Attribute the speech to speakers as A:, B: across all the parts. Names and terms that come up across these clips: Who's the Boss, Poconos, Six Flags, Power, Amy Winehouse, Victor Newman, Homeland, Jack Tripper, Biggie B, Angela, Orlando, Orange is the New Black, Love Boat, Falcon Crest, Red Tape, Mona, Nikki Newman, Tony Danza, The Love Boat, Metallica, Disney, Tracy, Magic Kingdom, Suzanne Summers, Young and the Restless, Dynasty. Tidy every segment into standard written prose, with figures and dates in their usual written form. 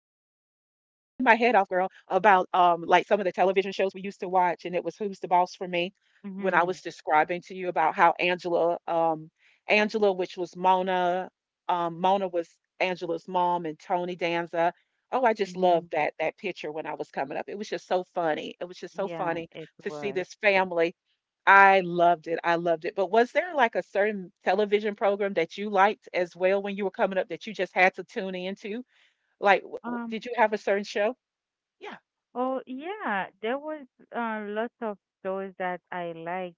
A: off, girl, about like some of the television shows we used to watch. And it was Who's the Boss for Me when I was
B: Mhm.
A: describing to you about how Angela, which was Mona, Mona was Angela's mom and Tony Danza. Oh, I just
B: Mhm.
A: loved that picture when I was coming up. It was just so funny. It was just so
B: Yeah,
A: funny
B: it
A: to see
B: was.
A: this family. I loved it, but was there, like, a certain television program that you liked as well when you were coming up that you just had to tune into? Like, w w
B: Um,
A: did you have a certain show? Yeah,
B: Oh yeah, there was lots of shows that I liked.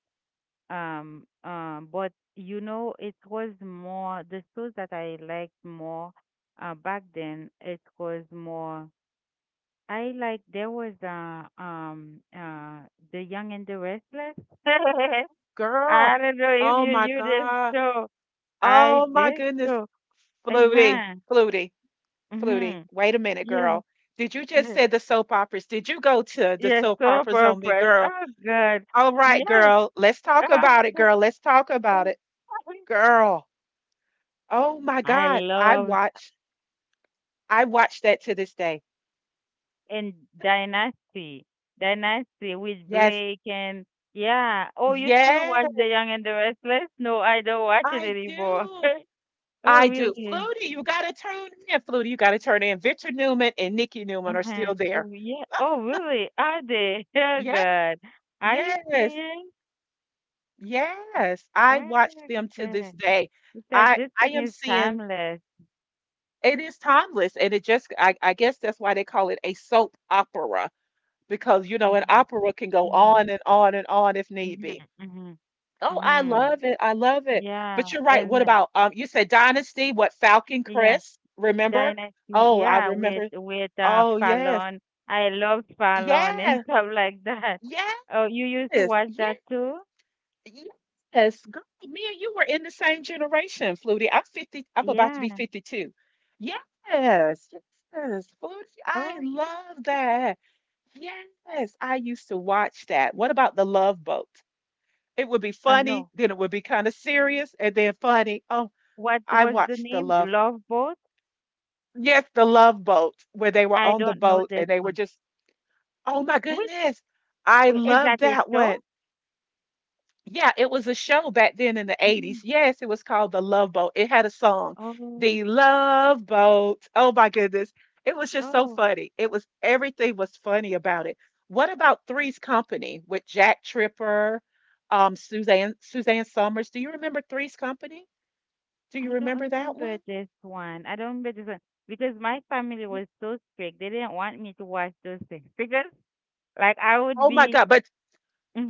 B: But you know, it was more the shows that I liked more back then. It was more. I like there was The Young and the Restless.
A: girl.
B: I don't know if
A: Oh
B: you
A: my
B: knew this
A: god.
B: show. I
A: Oh my
B: did
A: goodness.
B: so.
A: Flutie,
B: Uh-huh.
A: Flutie, Flutie.
B: Mhm.
A: Wait a minute,
B: Yes.
A: girl. Did you just say the soap operas? Did you go to the
B: Yes,
A: soap
B: so
A: operas on me,
B: purpose.
A: girl?
B: Oh, God.
A: All right,
B: Yes.
A: girl. Let's talk about it,
B: um,
A: girl. Let's talk about it. Girl. Oh my
B: I
A: god.
B: loved
A: I watch that to this day.
B: and Dynasty, Dynasty with
A: Yes.
B: Blake and yeah. Oh, you still watch
A: Yes,
B: The Young and the Restless? No, I don't watch it
A: I
B: anymore.
A: do.
B: Oh,
A: I do.
B: really?
A: Flutie, you got to turn in. Flutie, you got to turn in. Victor Newman and Nikki Newman are
B: Uh-huh.
A: still there.
B: Oh, yeah. Oh, really? Are they? Oh,
A: Yes,
B: God. Are you
A: yes,
B: serious?
A: yes. I watch
B: Oh,
A: them to this
B: God.
A: day.
B: It's like
A: I
B: this
A: I
B: thing
A: am
B: is
A: seeing
B: timeless.
A: it is timeless, and it just I guess that's why they call it a soap opera because you know an
B: Mm-hmm.
A: opera can go
B: Mm-hmm.
A: on and on and on if need
B: Mm-hmm.
A: be.
B: Mm-hmm.
A: Oh, I
B: Mm-hmm.
A: love it. I love it.
B: Yeah,
A: But you're right. What
B: and
A: about you said Dynasty, what Falcon
B: yeah,
A: Crest, remember?
B: Dynasty,
A: Oh, I
B: yeah, with
A: remember.
B: with uh
A: Oh, yes.
B: Fallon. I love Fallon and
A: Yes.
B: stuff like that.
A: Yes.
B: Oh, you used to watch that
A: Yes.
B: too?
A: Yes. Girl, me and you were in the same generation, Flutie. I'm 50, I'm about to be
B: Yeah.
A: 52. Yes. Yes. Flutie, I
B: Okay.
A: love that. Yes. I used to watch that. What about The Love Boat? It would be funny,
B: No.
A: then it would be kind of serious, and then funny. Oh
B: What
A: I
B: was the
A: watched the
B: name?
A: Love
B: Love Boat?
A: Yes, the Love Boat, where they were
B: I
A: on the
B: don't know
A: boat and
B: this
A: they were
B: one.
A: just, oh my
B: Which
A: goodness, I
B: is
A: love
B: that a
A: that
B: show?
A: one. Yeah, it was a show back then in the
B: Mm.
A: 80s. Yes, it was called The Love Boat. It had a song,
B: Oh,
A: The Love Boat. Oh my goodness. It was just so
B: oh,
A: funny. It was everything was funny about it. What about Three's Company with Jack Tripper, Suzanne Summers? Do you remember Three's Company? Do you
B: I don't
A: remember that
B: remember
A: one?
B: this one. I don't remember this one because my family was so strict. They didn't want me to watch those things because like I would
A: Oh my
B: be.
A: God. But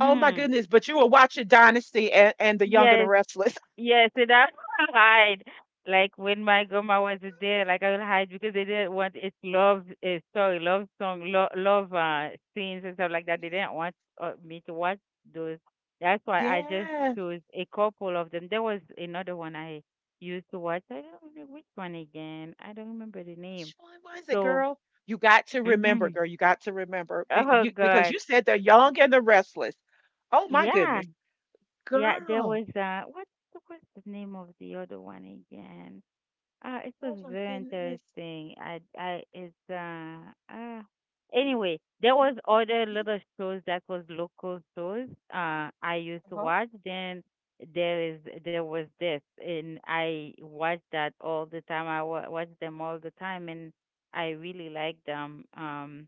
A: oh my goodness, but you were watching Dynasty and the Young and the
B: Yes,
A: Restless.
B: yes, and I hide. Like when my grandma wasn't there, like I would hide because they didn't want it's love, story, love song, love scenes and stuff like that. They didn't want me to watch those. That's why I just
A: Yeah.
B: chose a couple of them. There was another one I used to watch. I don't know which one again. I don't remember the name.
A: Which one was it,
B: So,
A: girl? You got to remember,
B: hmm
A: girl. You got to remember.
B: oh
A: Because
B: God,
A: you said the Young and the Restless. Oh my
B: yeah,
A: goodness.
B: yeah. There
A: Girl.
B: was what's the name of the other one again? It was
A: Oh my
B: very
A: goodness.
B: interesting. It's, uh, anyway, there
A: Y-
B: was other
A: y-
B: little shows that was local shows. I used to
A: Uh-huh.
B: watch. Then there was this, and I watched that all the time. Watched them all the time, and I really liked them.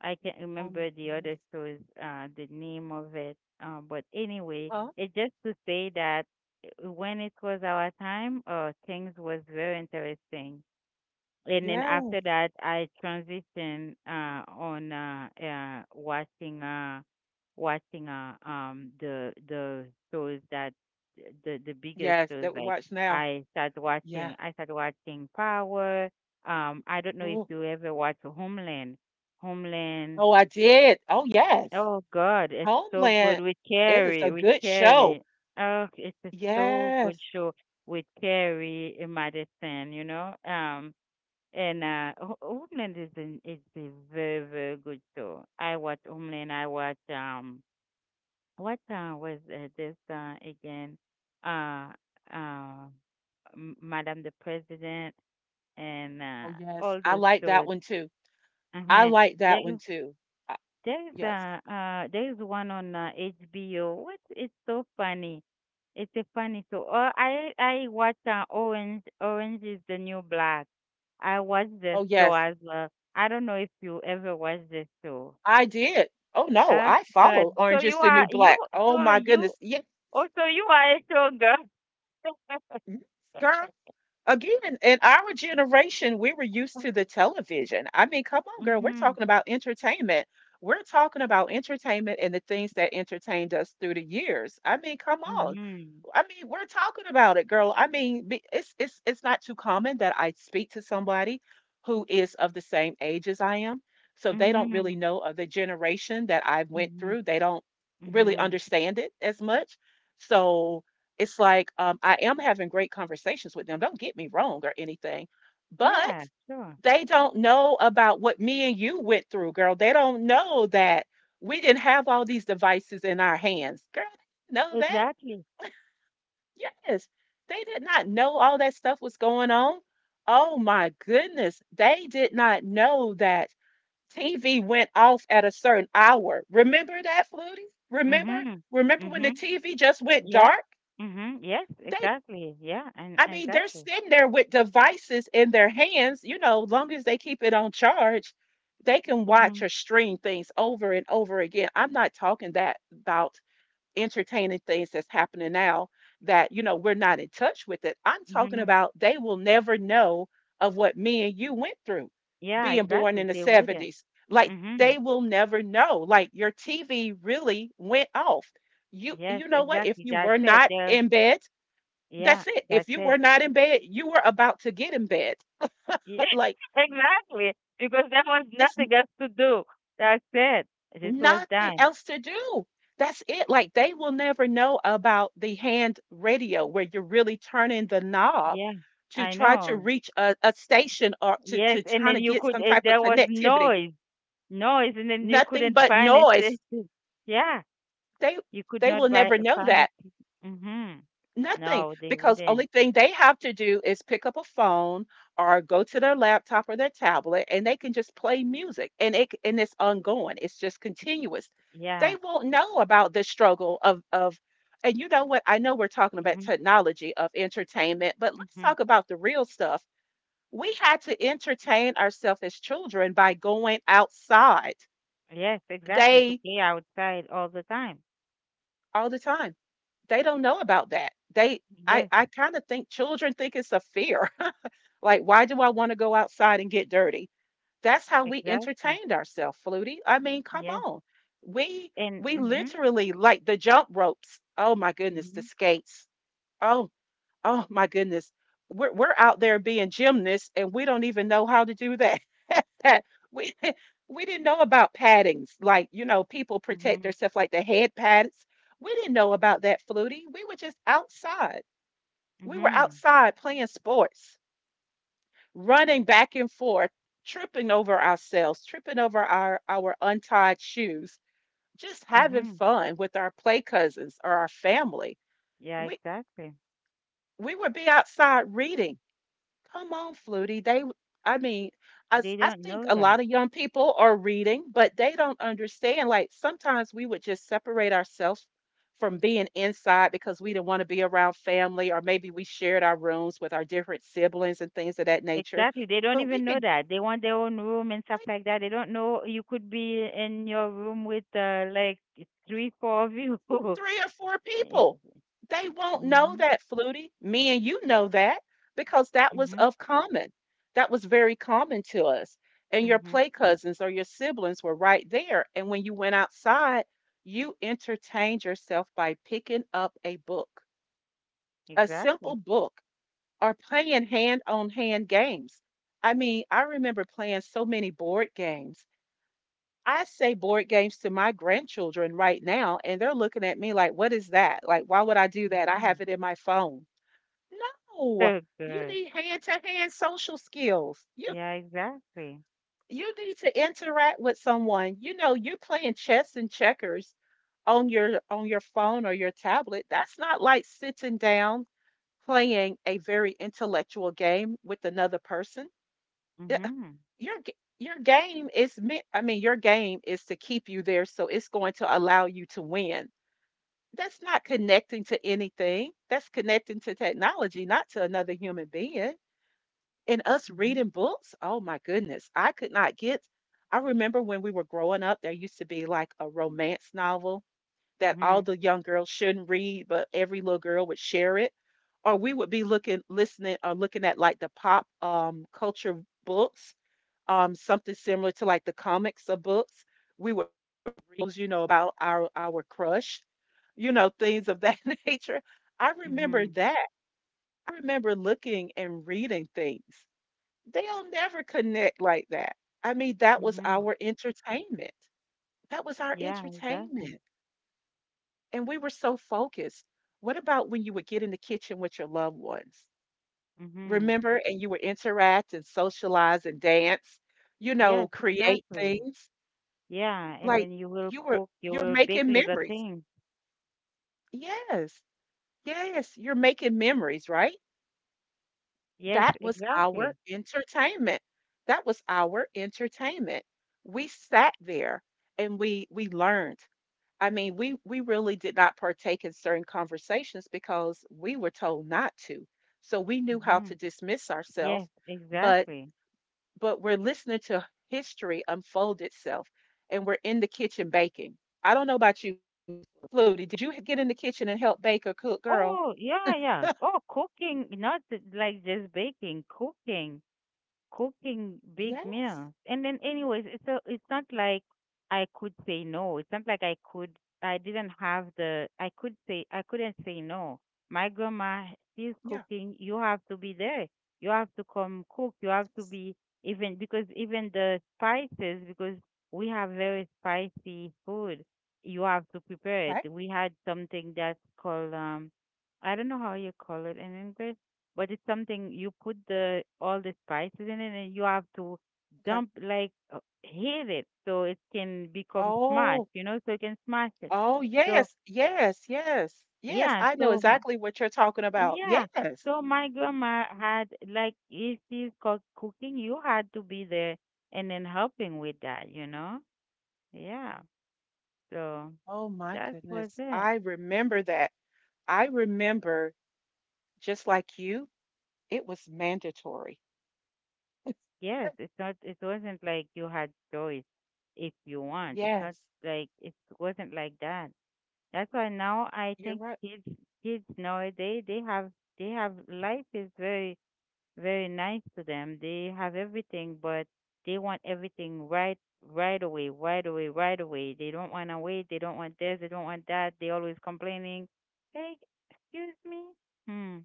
B: I can't
A: Oh my
B: remember the
A: goodness.
B: other shows, the name of it. But anyway,
A: Huh?
B: it's just to say that when it was our time, things was very interesting. And then
A: Yes.
B: after that, I transitioned on watching watching the shows that the biggest
A: Yes,
B: shows
A: that we
B: like
A: watch now. Yeah.
B: I started watching Power. I don't know if
A: Ooh.
B: you ever watch Homeland. Homeland.
A: Oh, I did. Oh yes.
B: Oh God, it's so good
A: Homeland.
B: with
A: It is
B: Carrie,
A: a
B: with
A: good show.
B: Carrie. Oh, it's a so good
A: Yes.
B: show with Carrie and Madison, you know. And Homeland it's a very very good show. I watch Homeland. I watch what was this again? Uh, uh, Madame the President and
A: Oh yes.
B: all
A: I
B: those
A: like that
B: shows.
A: one too. I
B: Uh-huh.
A: like that one too. I,
B: There's a
A: yes.
B: uh, there's one on HBO. What is so funny? It's a funny show. I watch Orange is the New Black. I watch the
A: Oh,
B: show
A: yes.
B: as well. I don't know if you ever watched the show.
A: I did. Oh, no.
B: Ah,
A: I follow
B: good. So
A: Orange
B: you
A: is the New
B: are you.
A: Black. Oh,
B: So
A: my
B: you.
A: goodness. Yes.
B: Oh, so you are a show girl.
A: Yes, girl. Again, in our generation, we were used to the television. I mean, come on, girl, we're
B: Mhm.
A: talking about entertainment. We're talking about entertainment and the things that entertained us through the years. I mean, come on.
B: Mhm.
A: I mean, we're talking about it, girl. I mean, it's not too common that I speak to somebody who is of the same age as I am, so they don't really
B: Mhm.
A: know of the generation that I went
B: Mhm.
A: through. They don't really
B: Mhm.
A: understand it as much. So it's like I am having great conversations with them. Don't get me wrong or anything, but
B: Yeah. Sure.
A: they don't know about what me and you went through, girl. They don't know that we didn't have all these devices in our hands, girl. They didn't know that?
B: Exactly.
A: Yes, they did not know all that stuff was going on. Oh my goodness, they did not know that TV went off at a certain hour. Remember that, Flutie? Remember?
B: Mhm.
A: Remember when the
B: Mhm.
A: TV just went
B: Yeah.
A: dark?
B: Mm-hmm. Yes,
A: They.
B: exactly. Yeah, and
A: I mean, they're
B: exactly.
A: sitting there with devices in their hands, you know, long as they keep it on charge, they can watch
B: Mm-hmm.
A: or stream things over and over again. I'm not talking that about entertaining things that's happening now that, you know, we're not in touch with it. I'm talking
B: Mm-hmm.
A: about they will never know of what me and you went through
B: Yeah,
A: being born
B: exactly.
A: in the
B: They wouldn't.
A: 70s. Like
B: Mm-hmm.
A: they will never know. Like your TV really went off.
B: Yes,
A: You know what? If
B: exactly.
A: you
B: That's
A: were
B: it.
A: not
B: They're,
A: in bed,
B: yeah,
A: that's it. If
B: that's
A: you were
B: it.
A: not in bed, you were about to get in bed.
B: Yeah,
A: But like,
B: exactly. Because there was
A: it's n-
B: nothing else to do. That's it. This was
A: nothing
B: done.
A: else to do. That's it. Like, they will never know about the hand radio where you're really turning the knob
B: Yeah,
A: to
B: I
A: try to
B: know.
A: reach a station or
B: Yes,
A: to
B: and
A: kind
B: then
A: of
B: you
A: get
B: could,
A: some type of
B: there was
A: connectivity.
B: noise, and then you
A: Nothing
B: couldn't
A: but
B: find
A: noise.
B: it. Yeah,
A: They
B: you could
A: they
B: not
A: will never know
B: find it.
A: that.
B: Mm-hmm.
A: Nothing,
B: No, they
A: because only
B: wouldn't.
A: thing they have to do is pick up a phone or go to their laptop or their tablet, and they can just play music, and it's ongoing. It's just continuous.
B: Yeah.
A: They won't
B: Yeah.
A: know about the struggle and you know what? I know we're talking about
B: Mhm.
A: technology of entertainment, but let's
B: Mhm.
A: talk about the real stuff. We had to entertain ourselves as children by going outside.
B: Yes, exactly. To
A: They
B: play outside all the time.
A: all the time. They don't know about that.
B: Yes,
A: I kind of think children think it's a fear. Like, why do I want to go outside and get dirty? That's how we
B: exactly.
A: entertained ourselves, Flutie. I mean, come
B: Yes.
A: on. We
B: And
A: we
B: mhm.
A: literally like the jump ropes. Oh my goodness, the
B: Mhm.
A: skates. Oh, oh my goodness. We're out there being gymnasts and we don't even know how to do that. we we didn't know about paddings. Like, you know, people protect
B: Mhm.
A: themselves like the head pads. We didn't know about that, Flutie. We were just outside. We were
B: Mhm.
A: outside playing sports, running back and forth, tripping over ourselves, tripping over our untied shoes, just having
B: Mhm.
A: fun with our play cousins or our family.
B: Yeah,
A: We
B: exactly.
A: we would be outside reading. Come on, Flutie. I mean,
B: They
A: I
B: don't
A: think
B: know
A: a lot
B: that.
A: of young people are reading, but they don't understand. Like sometimes we would just separate ourselves from being inside because we didn't want to be around family, or maybe we shared our rooms with our different siblings and things of that nature.
B: Exactly. They don't
A: But we
B: even know
A: could
B: that. They want their own room and stuff like that. They don't know you could be in your room with like three, four of you.
A: three or four
B: Eh,
A: people. They won't know
B: mhm.
A: that, Flutie. Me and you know that because that was
B: Mhm.
A: of common. That was very common to us. And your
B: Mhm.
A: play cousins or your siblings were right there. And when you went outside, you entertained yourself by picking up a book, a
B: Exactly.
A: simple book, or playing hand on hand games. I mean, I remember playing so many board games I say board games to my grandchildren right now, and they're looking at me like, what is that? Like, why would I do that? I
B: Mhm.
A: have it in my phone. No,
B: So
A: you
B: good.
A: need hand-to-hand social skills.
B: Yeah, exactly.
A: You need to interact with someone. You know, you're playing chess and checkers on your phone or your tablet. That's not like sitting down playing a very intellectual game with another person.
B: Mhm.
A: Your game is meant I mean your game is to keep you there, so it's going to allow you to win. That's not connecting to anything. That's connecting to technology, not to another human being. And us
B: Mhm.
A: reading books, oh my goodness, I could not get I remember when we were growing up there used to be like a romance novel that
B: Mhm.
A: all the young girls shouldn't read, but every little girl would share it, or we would be looking listening or looking at like the pop culture books, something similar to like the comics or books. We would reels, you know, about our crush, you know, things of that nature. I
B: Mhm.
A: remember that. I remember looking and reading things. They'll never connect like that. I mean, that was
B: Mhm.
A: our entertainment. That was our
B: Yeah,
A: entertainment.
B: exactly.
A: And we were so focused. What about when you would get in the kitchen with your loved ones?
B: Mhm.
A: Remember, and you would interact and socialize and dance, you know,
B: Yes,
A: create
B: exactly.
A: things
B: Yeah, and
A: like
B: then you will
A: you were
B: cook, you
A: you're
B: will bake
A: making
B: little
A: memories.
B: things.
A: Yes. Yes, you're making memories, right?
B: Yes,
A: That was our
B: exactly.
A: entertainment. That was our entertainment. We sat there and we learned. I mean, we really did not partake in certain conversations because we were told not to. So we knew how
B: Mm-hmm.
A: to dismiss ourselves,
B: Yes,
A: but
B: exactly.
A: we're listening to history unfold itself and we're in the kitchen baking. I don't know about you. Flutie, did you get in the kitchen and help bake or cook, girl?
B: Oh, yeah, yeah. Oh, cooking, not like just baking, cooking, cooking
A: Yes.
B: big meals. And then anyways, it's not like I could say no. It's not like I didn't have the I couldn't say no. My grandma,
A: Yeah.
B: she's cooking, you have to be there. You have to come cook.
A: Yes.
B: You have to be, even because even the spices, because we have very spicy food. You have to
A: Okay.
B: prepare it. We had something that's called, I don't know how you call it in English, but it's something you put the all the spices in it, and you have to
A: Okay.
B: dump like heat it so it can become smashed,
A: Oh,
B: you know, so you can smash it.
A: oh,
B: So
A: yes. Yes. Yes. Yes.
B: yeah,
A: I know exactly what you're talking about.
B: yeah
A: Yes.
B: so my grandma had, like, if she's cooking, you had to be there, and then helping with that, you know. Yeah, so
A: Oh, my
B: that was
A: goodness.
B: it.
A: I remember that. I remember, just like you, it was mandatory.
B: Yes, it's not, it wasn't like you had choice, if you want.
A: Yes.
B: It wasn't like that. That's why now I
A: You're
B: think
A: right.
B: kids nowadays, they have, life is very very nice to them. They have everything, but they want everything right away, right away, right away. They don't want to wait, they don't want this, they don't want that. They always complaining. Hey, excuse me. Hmm.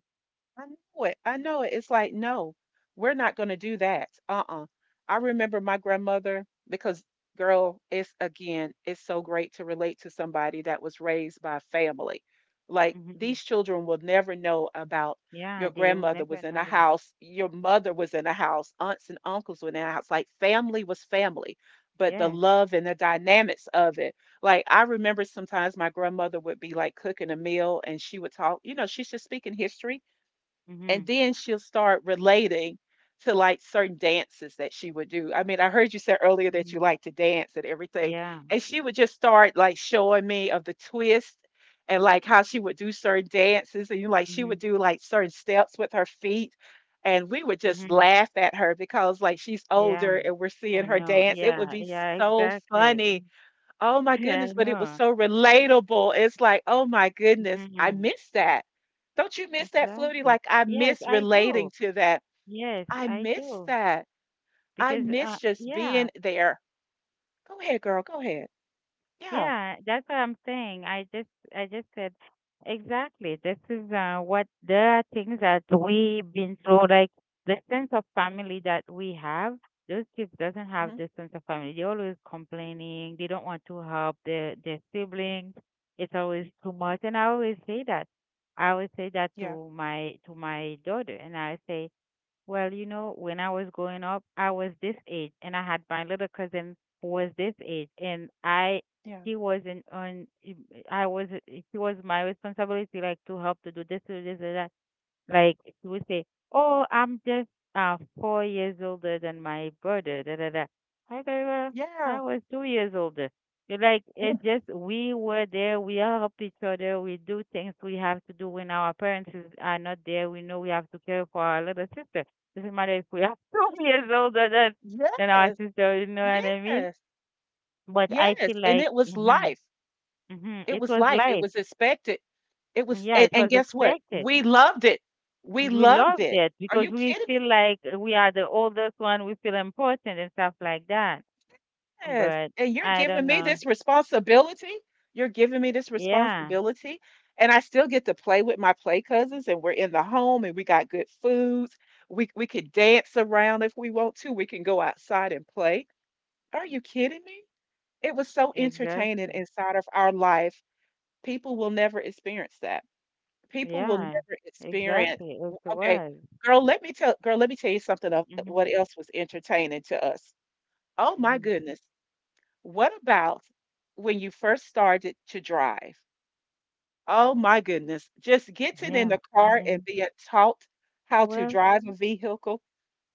A: I know it. I know it. It's like, no, we're not going to do that. Uh-uh. I remember my grandmother because, girl, it's again, it's so great to relate to somebody that was raised by family. Like
B: Mm-hmm.
A: these children will never know about
B: Yeah,
A: your
B: they will
A: grandmother
B: never
A: was in
B: know
A: a
B: that.
A: house, your mother was in a house, aunts and uncles were in a house. Like family was family, but the
B: Yeah.
A: love and the dynamics of it. Like I remember sometimes my grandmother would be like cooking a meal and she would talk, you know, she's just speaking history and
B: Mhm.
A: then she'll start relating to like certain dances that she would do. I mean, I heard you say earlier that you
B: Mhm.
A: like to dance and everything,
B: Yeah.
A: and she would just start like showing me of the twist and like how she would do certain dances and you like she
B: Mhm.
A: would do like certain steps with her feet. And we would just
B: Mhm.
A: laugh at her because like she's
B: Yeah.
A: older and we're
B: I
A: seeing her
B: know.
A: dance. It would
B: Yeah.
A: be
B: Yeah,
A: so funny.
B: exactly.
A: Oh my
B: Yeah,
A: goodness,
B: I
A: but it was
B: know.
A: so relatable. It's like, oh my goodness, I
B: Mhm.
A: miss that. Don't you miss that, Flutie?
B: Exactly.
A: Like, I
B: Yes,
A: miss
B: I
A: relating
B: do.
A: to that.
B: Yes,
A: I
B: I
A: miss
B: do.
A: that. I
B: Because
A: miss just
B: yeah,
A: being there. Go ahead, girl. Go ahead. Yeah.
B: yeah, that's what I'm saying. I just said exactly. This is what the things that we've been through, like the sense of family that we have. Those kids doesn't have
A: Hmm.
B: the sense of family. They're always complaining. They don't want to help their siblings. It's always too much. And I always say that. I always say that
A: Yeah.
B: to my daughter, and I say, well, you know, when I was growing up, I was this age, and I had my little cousin who was this age, and I
A: Yeah.
B: she wasn't on. I was. It was my responsibility, like to help, to do this, to do this, to that. Like she would say, "Oh, I'm just 4 years older than my brother." Da da da. I go, well,
A: Yeah.
B: I was 2 years older. You're. Like,
A: Mm.
B: it just, we were there. We help each other. We do things we have to do when our parents are not there. We know we have to care for our little sister. Doesn't matter if we are 2 years older than our
A: Yes.
B: sister. You know what
A: Yes.
B: I mean?
A: Yes.
B: But I
A: Yes.
B: feel
A: And
B: like,
A: it was life. It
B: it
A: was
B: was
A: life. It
B: life.
A: was expected. It was,
B: Yeah,
A: and,
B: it
A: and
B: was
A: guess what?
B: expected.
A: We loved it. We
B: We
A: loved
B: love
A: it.
B: that
A: Are
B: because
A: you
B: we
A: kidding
B: feel
A: me?
B: like we are the oldest one. We feel important and stuff like that.
A: Yes,
B: But
A: and you're
B: I
A: giving
B: don't
A: me
B: know.
A: this responsibility. You're giving me this
B: Yeah,
A: responsibility, and I still get to play with my play cousins, and we're in the home, and we got good foods. We could dance around if we want to. We can go outside and play. Are you kidding me? It was so entertaining
B: exactly.
A: inside of our life. People will never experience that. People will
B: Yeah,
A: never experience.
B: exactly. It
A: Okay,
B: was.
A: girl, let me tell girl, let me tell you something of
B: Hmm.
A: what else was entertaining to us. Oh my
B: Hmm.
A: goodness. What about when you first started to drive? Oh my goodness, just getting in the
B: Yeah.
A: car and
B: And
A: being taught how to
B: well,
A: drive a vehicle.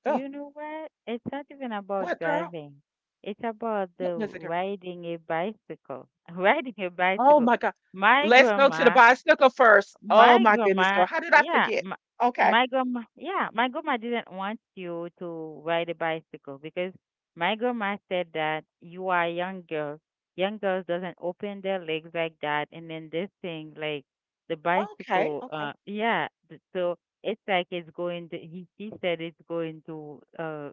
A: Oh,
B: you know what? It's not even about
A: what girl?
B: driving. It's about the
A: What was it, girl?
B: riding a bicycle. Riding a
A: Oh
B: bicycle.
A: my God.
B: My
A: Let's go to the
B: grandma
A: bicycle first. Oh
B: My
A: my goodness,
B: grandma,
A: girl. How did I
B: yeah,
A: forget?
B: my,
A: Okay.
B: my grandma didn't want you to ride a bicycle because my grandma said that you are a young girl. Young girls doesn't open their legs like that, and then this thing, like the
A: Okay.
B: bicycle,
A: Okay.
B: yeah. So it's like it's going to, He she said it's going to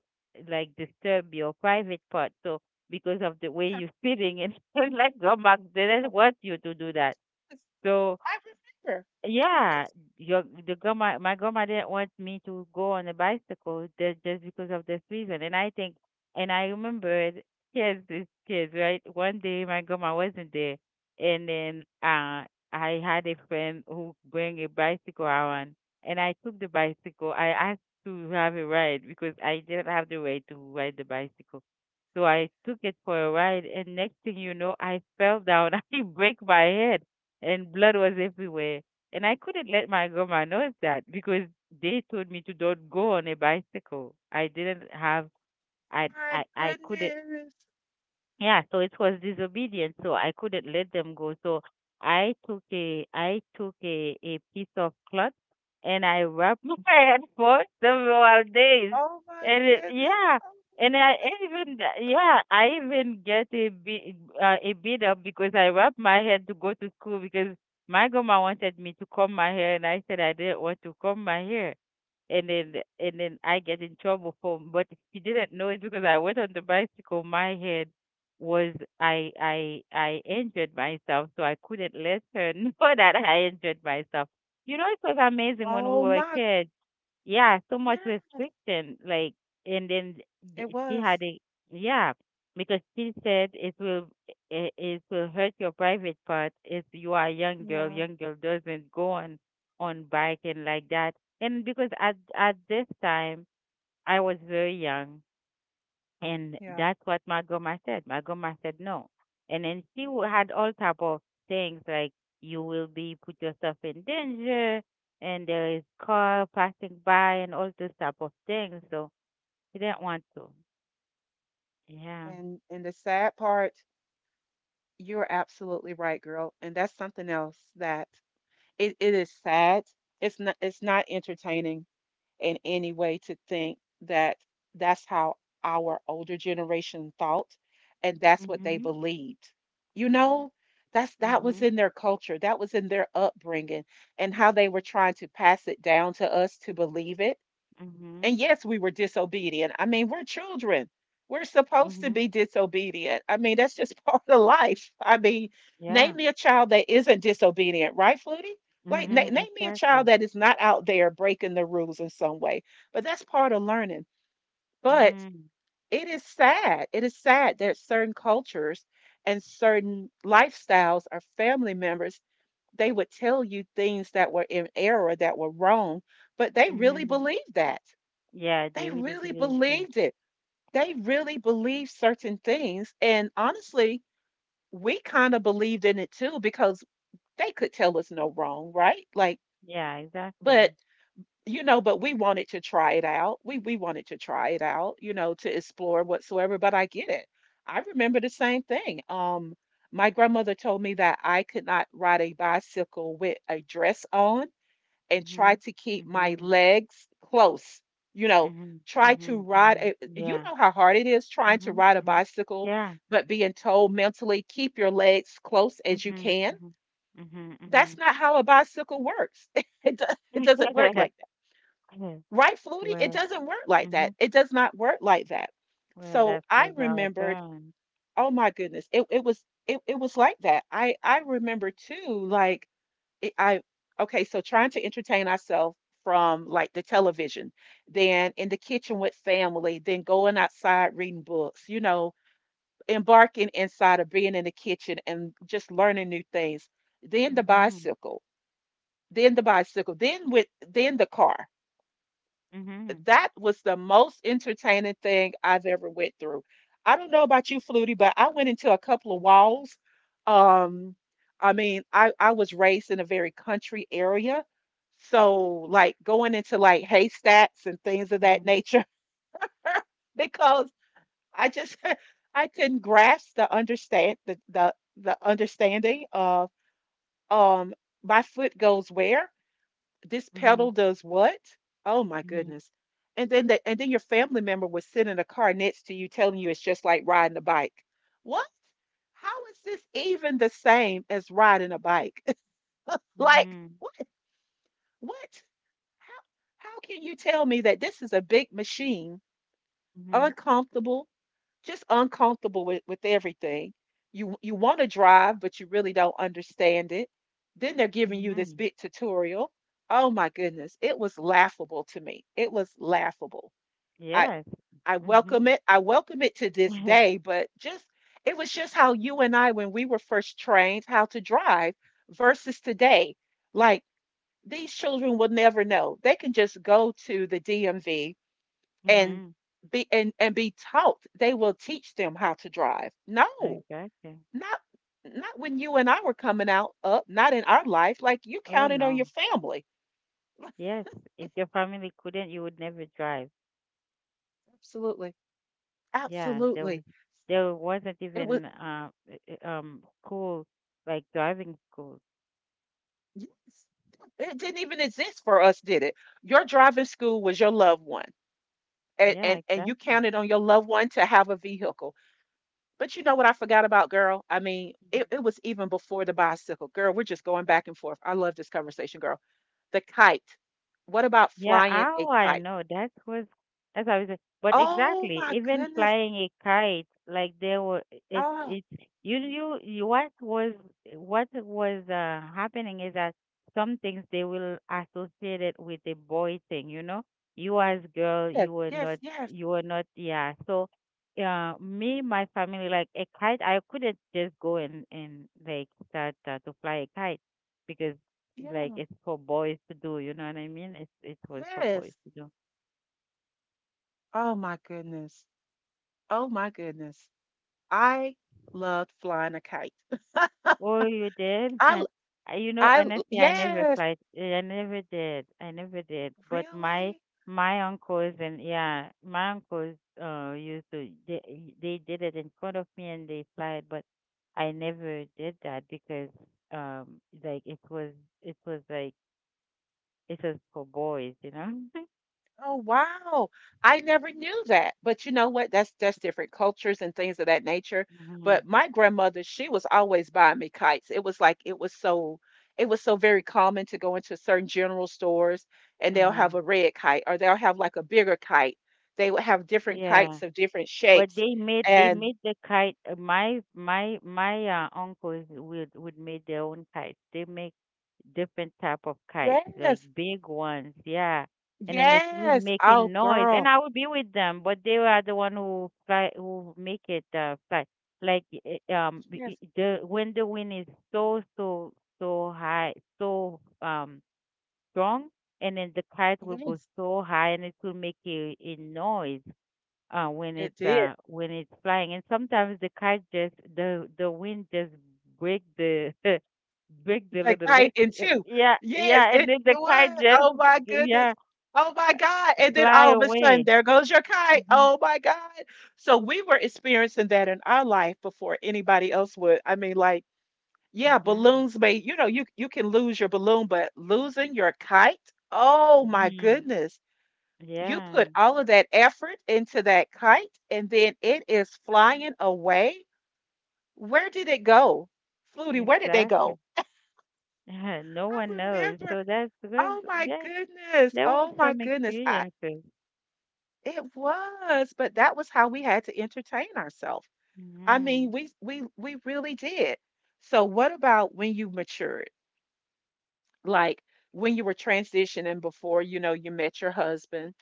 B: like disturb your private part. So because of the way
A: Okay.
B: you're sitting, and like, grandma
A: Oh,
B: didn't want you to do that.
A: yes,
B: So.
A: I remember.
B: Yeah,
A: Yes.
B: my grandma didn't want me to go on a bicycle just because of this reason. And I think, and I remembered, kids is kids, right? One day my grandma wasn't there, and then I had a friend who bring a bicycle around, and I took the bicycle. I asked to have a ride because I didn't have the right to ride the bicycle, so I took it for a ride, and next thing you know, I fell down. I break my head, and blood was everywhere. And I couldn't let my grandma know that because they told me to don't go on a bicycle. I didn't have,
A: My
B: I couldn't,
A: goodness.
B: yeah, so it was disobedient, so I couldn't let them go. So a piece of cloth, and I wrapped my head for several days.
A: Oh my
B: And it,
A: goodness.
B: yeah,
A: Oh my
B: and I
A: goodness.
B: even, I even get a bit up because I wrapped my head to go to school because my grandma wanted me to comb my hair and I said I didn't want to comb my hair and then and then I get in trouble for. But he didn't know it because I went on the bicycle. My head was I injured myself, so I couldn't let her know that I injured myself. You know, it was amazing when we
A: Oh
B: were
A: my
B: kids. Yeah, so much
A: yes.
B: restriction. Like, and then
A: It
B: th- she
A: was.
B: had a yeah, because she said it will, it will hurt your private part if you are a young girl.
A: Yeah.
B: Young girl doesn't go on bike and like that. And because at this time I was very young and
A: Yeah.
B: that's what my grandma said. My grandma said no. And then had all type of things like you will be put yourself in danger and there is car passing by and all this type of things. So he didn't want to. Yeah.
A: And the sad part, you're absolutely right, girl. And that's something else that it is sad. It's not entertaining in any way to think that that's how our older generation thought and that's what they
B: Mhm.
A: believed. You know, that was
B: Mhm.
A: in their culture, that was in their upbringing and how they were trying to pass it down to us to believe it
B: Mhm.
A: and yes, we were disobedient. I mean, we're children. We're supposed to
B: Mhm.
A: be disobedient. I mean, that's just part of life. I mean,
B: Yeah.
A: name me a child that isn't disobedient, right, Flutie? Like,
B: Mhm.
A: name me a child
B: Exactly.
A: that is not out there breaking the rules in some way. But that's part of learning. But
B: Mhm.
A: it is sad. It is sad that certain cultures and certain lifestyles or family members, they would tell you things that were in error, that were wrong, but they really
B: Mhm.
A: believed that.
B: Yeah, they
A: They
B: really
A: really
B: believe that.
A: believed it. They really believed certain things. And honestly, we kind of believed in it too because they could tell us no wrong, right? Like,
B: Yeah, exactly.
A: but you know, but we wanted to try it out. We wanted to try it out, you know, to explore whatsoever. But I get it. I remember the same thing. My grandmother told me that I could not ride a bicycle with a dress on and try
B: Mhm.
A: to keep my
B: Mhm.
A: legs close. You know,
B: Mhm.
A: try to
B: Mhm.
A: ride a,
B: Mhm.
A: you
B: Yeah.
A: know how hard it is trying to
B: Mhm,
A: ride a
B: mhm.
A: bicycle,
B: Yeah.
A: but being told mentally keep your legs close as you
B: Mhm,
A: can.
B: mhm. Mhm,
A: That's
B: mhm.
A: not how a bicycle works. It, do, it doesn't work like that. Right, Flutie? It
B: Well,
A: doesn't work like that.
B: mhm.
A: It does not work like that.
B: Well,
A: So
B: that
A: I
B: was our
A: remembered,
B: parents.
A: oh my goodness, it was it was like that. I remember too, like it- I okay, so trying to entertain ourselves from like the television, then in the kitchen with family, then going outside reading books, you know, embarking inside of being in the kitchen and just learning new things. Then the
B: Mhm,
A: bicycle, then with then the car
B: mhm,
A: that was the most entertaining thing I've ever went through. I don't know about you, Flutie, but I went into a couple of walls. Um, I mean, I was raised in a very country area, so like going into like haystacks and things of that
B: mhm,
A: nature because I just I couldn't grasp the understanding of um my foot goes where this pedal
B: mhm,
A: does what? Oh my
B: mhm,
A: goodness. And then your family member was sitting in a car next to you telling you it's just like riding a bike. What? How is this even the same as riding a bike? Like
B: mhm,
A: what what? How how can you tell me that this is a big machine,
B: mhm,
A: uncomfortable, just uncomfortable with everything. You want to drive, but you really don't understand it. Then they're giving you this
B: mhm.
A: big tutorial. Oh my goodness, it was laughable to me. It was laughable. I
B: Yes.
A: I welcome
B: Mhm.
A: it. I welcome it to this day, but just it was just how you and I when we were first trained how to drive versus today. Like these children will never know. They can just go to the DMV and
B: Mhm.
A: be and be taught they will teach them how to drive no
B: Exactly.
A: not not when you and I were coming out up not in our life like you
B: Oh,
A: counted on your
B: no.
A: family
B: Yes. If your family couldn't, you would never drive.
A: absolutely,
B: Yeah, there
A: absolutely.
B: was there wasn't
A: It was,
B: even school, like driving school.
A: yes, it didn't even exist for us, did it? Your driving school was your loved one and
B: Yeah,
A: and you
B: exactly.
A: counted on your loved one to have a vehicle. But you know what I forgot about, girl? I mean, it was even before the bicycle, girl. We're just going back and forth. I love this conversation, girl. The kite. What about
B: Yeah,
A: flying a
B: oh, I
A: kite?
B: know. That was that's how I was. But
A: Oh
B: exactly,
A: my
B: even
A: goodness.
B: flying a kite, like there were it
A: Oh,
B: it you knew what was happening is that some things they will associate it with a boy thing, you know. You as girl,
A: yes, yes, yes.
B: you were not yeah. So me, my family, like a kite, I couldn't just go and like start to fly a kite because like,
A: Yeah.
B: it's for boys to do, you know what I mean? It's it was for boys
A: Yes.
B: to do.
A: Oh my goodness. Oh my goodness. I loved flying a kite.
B: Oh, you did?
A: I l-
B: You know, honestly, I never
A: yes,
B: applied. I never did. I never did. But
A: really?
B: my uncles and yeah, my uncles used to they did it in front of me and they applied, but I never did that because like it was like it was for boys, you know?
A: Oh wow. I never knew that. But you know what? That's different cultures and things of that nature.
B: Hmm.
A: But my grandmother, she was always buying me kites. It was like it was so very common to go into certain general stores and they'll have
B: Hmm.
A: a red kite or they'll have like a bigger kite. They would have different
B: Yeah.
A: kites of different
B: But
A: shapes.
B: they
A: And
B: made the kite. My uncles would make their own kites. They make different type of kites, like
A: yes,
B: big ones, yeah. And then it's really
A: yes. Oh
B: making noise, and
A: girl.
B: I would be with them, but they were the one who fly who make it fly. Like
A: Yes,
B: I- the When the wind is so so high, so um strong, and then the kite will go
A: yes,
B: so high, and it will make a noise
A: it did.
B: when it's flying. And sometimes the kite just the wind just break the break the
A: The
B: little
A: kite
B: leaf.
A: and two.
B: Yeah,
A: Yes,
B: yeah, and then the
A: it
B: kite
A: was.
B: just
A: Oh my
B: yeah
A: goodness. Oh my God. And then
B: fly
A: all of a sudden,
B: away.
A: there goes your kite.
B: Hmm.
A: Oh my God. So we were experiencing that in our life before anybody else would. I mean, like, yeah,
B: Hmm.
A: balloons may, you know, you can lose your balloon, but losing your kite, oh my
B: Hmm.
A: goodness. You
B: Yeah,
A: put all of that effort into that kite, and then it is flying away. Where did it go? Flutie, where did they
B: exactly.
A: go?
B: No
A: I
B: one knows.
A: remember.
B: So that's because
A: Oh my
B: yeah,
A: goodness.
B: there were
A: Oh my
B: some
A: goodness. I
B: experiences.
A: it was, but that was how we had to entertain ourselves. I mean,
B: Hmm.
A: we really did. So what about when you matured? Like when you were transitioning before, you know, you met your husband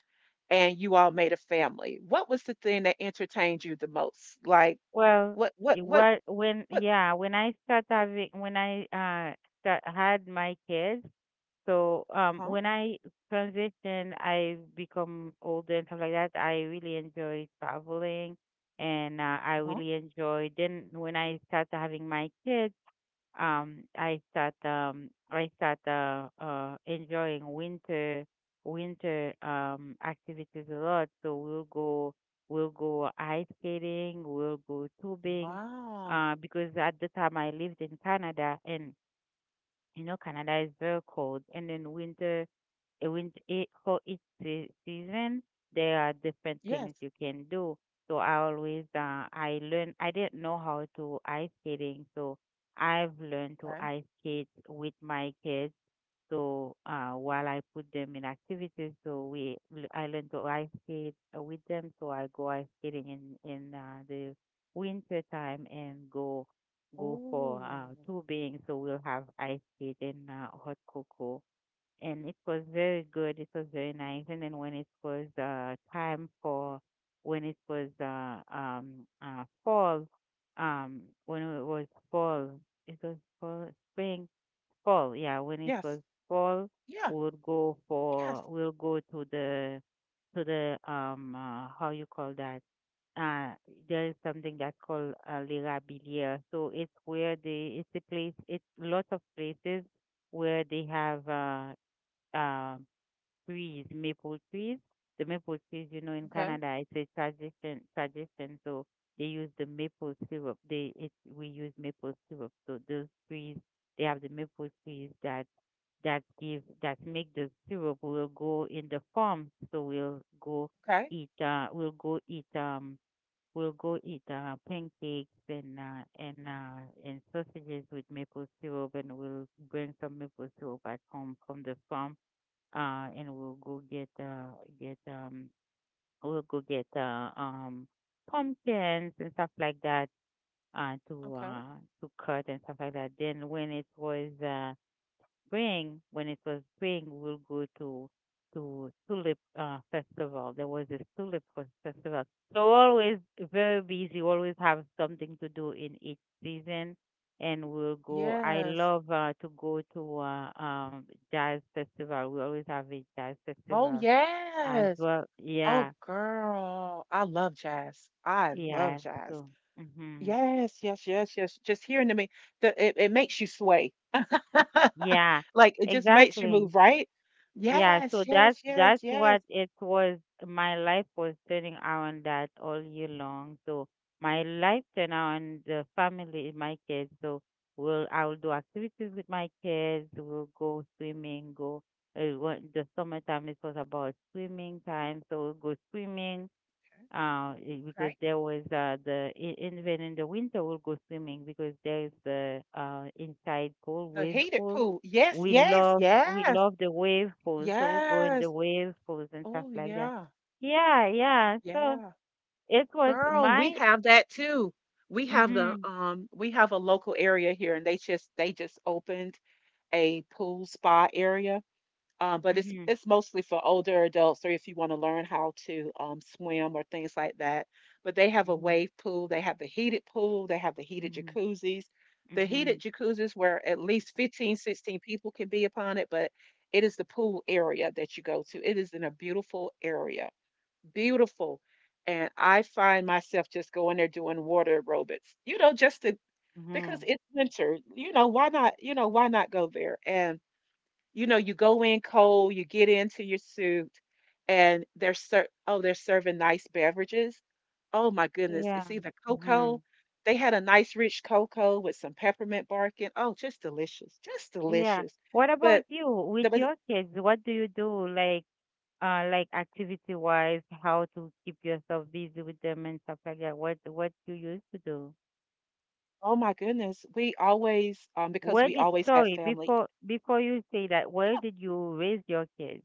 A: and you all made a family. What was the thing that entertained you the most? Like
B: Well,
A: what what
B: it
A: what
B: was when
A: what
B: yeah when I start having when I start, had my kids. So
A: huh?
B: when I transition, I become older and stuff like that. I really enjoy traveling, and I
A: Uh-huh.
B: really enjoy. Then when I start having my kids, I start enjoying winter activities a lot. So we'll go ice skating, we'll go tubing,
A: Wow.
B: because at the time I lived in Canada, and you know Canada is very cold, and then winter, it when it for each season there are different things
A: Yes.
B: you can do. So I always I learn I didn't know how to ice skating, so I've learned to
A: Okay.
B: ice skate with my kids. So while I put them in activities, so I learn to ice skate with them, so I go ice skating in the winter time, and go for
A: Oh.
B: tubing. So we'll have ice skate and hot cocoa, and it was very good. It was very nice. And then when it was time for when it was fall, when fall, it was fall, spring, fall. Yeah, when it was
A: Yes.
B: fall, we
A: Yeah.
B: would go for
A: Yes.
B: we'll go to the how you call that. Uh, there is something that's called Lirabilia. So it's where they, it's a place, it's lots of places where they have um trees, maple trees. The maple trees, you know, in
A: Okay.
B: Canada, it's a tradition. Tradition, so they use the maple syrup. They it, we use maple syrup. So those trees, they have the maple trees that that give that make the syrup. We'll go in the farm, so we'll go
A: Okay.
B: eat. We'll go eat. We'll go eat pancakes and sausages with maple syrup, and we'll bring some maple syrup back home from the farm, and we'll go get we'll go get pumpkins and stuff like that,
A: Okay.
B: to cut and stuff like that. Then when it was spring, we will go to tulip festival. There was this tulip festival. So always very busy. Always have something to do in each season, and we'll go. I
A: Yes.
B: love to go to jazz festival. We always have a jazz
A: Oh,
B: festival as
A: yes.
B: well.
A: Oh,
B: Yeah,
A: girl. I love jazz. I love
B: yeah.
A: jazz.
B: So, hmm,
A: Yes, yes, yes, yes. Just hearing to me, it makes you sway.
B: yeah,
A: Like it just makes you
B: exactly.
A: move, right?
B: Yeah,
A: Yes,
B: so
A: yes, yes,
B: that's
A: yes.
B: what it was. My life was turning around that all year long. So my life turned around the family, my kids. So we'll I will do activities with my kids. We'll go swimming. Go when the summertime it was about swimming time. So we'll go swimming, because
A: Okay.
B: there was even in the winter we'll go swimming because there is the inside pool,
A: The
B: wave
A: heated
B: pool.
A: pool. Yes, yes,
B: We
A: yes,
B: love the wave pools, so we go in the
A: yes.
B: wave pools and stuff
A: Oh,
B: like that.
A: yeah,
B: Yeah, yeah. So
A: yeah.
B: it was
A: Girl,
B: my
A: we have that too. We have the
B: mhm,
A: we have a local area here and they just opened a pool spa area, but
B: mhm,
A: it's mostly for older adults or if you want to learn how to swim or things like that. But they have a
B: mhm,
A: wave pool, they have the heated pool, they have the heated
B: mhm,
A: jacuzzis. The heated
B: mhm,
A: jacuzzis where at least 15, 16 people can be upon it, but it is the pool area that you go to. It is in a beautiful area, beautiful. And I find myself just going there doing water aerobics, you know, just to because
B: mhm,
A: it's winter, why not, why not go there? And you go in cold, you get into your suit, and they're oh, they're serving nice beverages. Oh my goodness,
B: yeah,
A: it's either cocoa.
B: mhm,
A: They had a nice rich cocoa with some peppermint bark in. Oh, just delicious, just
B: yeah.
A: delicious.
B: What about
A: But
B: you with
A: the but-
B: your kids? What do you do like? Like activity wise, how to keep yourself busy with them and stuff like that, what you used to do?
A: oh my goodness, we always because
B: Where
A: we
B: did
A: always had
B: sorry
A: family.
B: Before you say that, where
A: Yeah,
B: did you raise your kids?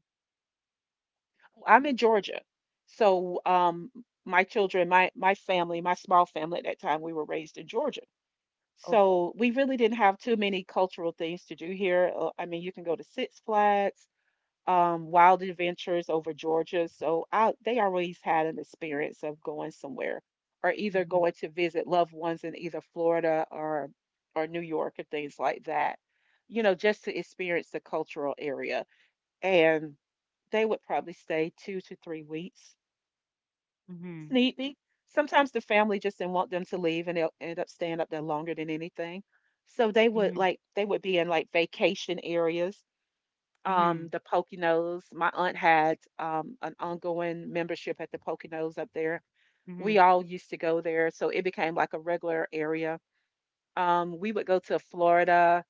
A: I'm in Georgia, so my children, my family, my small family at that time, we were raised in Georgia.
B: Okay.
A: So we really didn't have too many cultural things to do here. I mean, you can go to Six Flags, Wild Adventures over Georgia. So they always had an experience of going somewhere or either
B: Mhm,
A: going to visit loved ones in either Florida or New York or things like that. Just to experience the cultural area. And they would probably stay 2 to 3 weeks.
B: mhm,
A: Sneaky. Sometimes the family just didn't want them to leave and they'll end up staying up there longer than anything. So they would
B: mhm,
A: like they would be in like vacation areas.
B: mhm,
A: The Poconos. My aunt had an ongoing membership at the Poconos up there. We
B: mhm.
A: all used to go there, so it became like a regular area. We would go to Florida.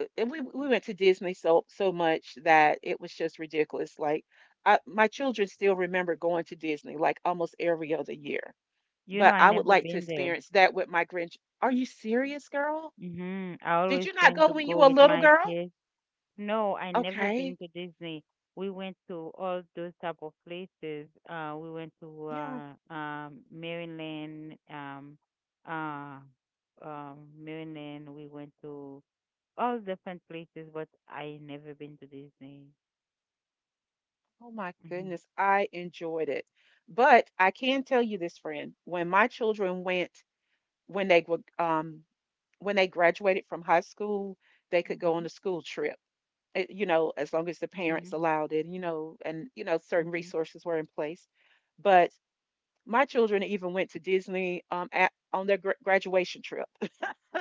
A: And we went to Disney so much that it was just ridiculous. Like my children still remember going to Disney like almost every other year,
B: You know,
A: but
B: I
A: I would
B: never
A: like to
B: been there.
A: experience that with my grandch Are you serious, girl?
B: Mhm, I
A: Did
B: always
A: you not
B: plan
A: go
B: to
A: when
B: go
A: you were a
B: with
A: little
B: my
A: girl?
B: kids. No, I never been
A: Okay.
B: to Disney. We went to all those type of places. We went to
A: Yeah.
B: uh, Maryland. We went to all different places, but I never been to Disney.
A: Oh my
B: Mhm,
A: goodness, I enjoyed it. But I can tell you this, friend, when my children went, when they were, when they graduated from high school, they could go on
B: mhm,
A: a school trip. You know, as long as the parents
B: mhm,
A: allowed it, you know, and you know, certain
B: mhm,
A: resources were in place. But my children even went to Disney on their graduation trip.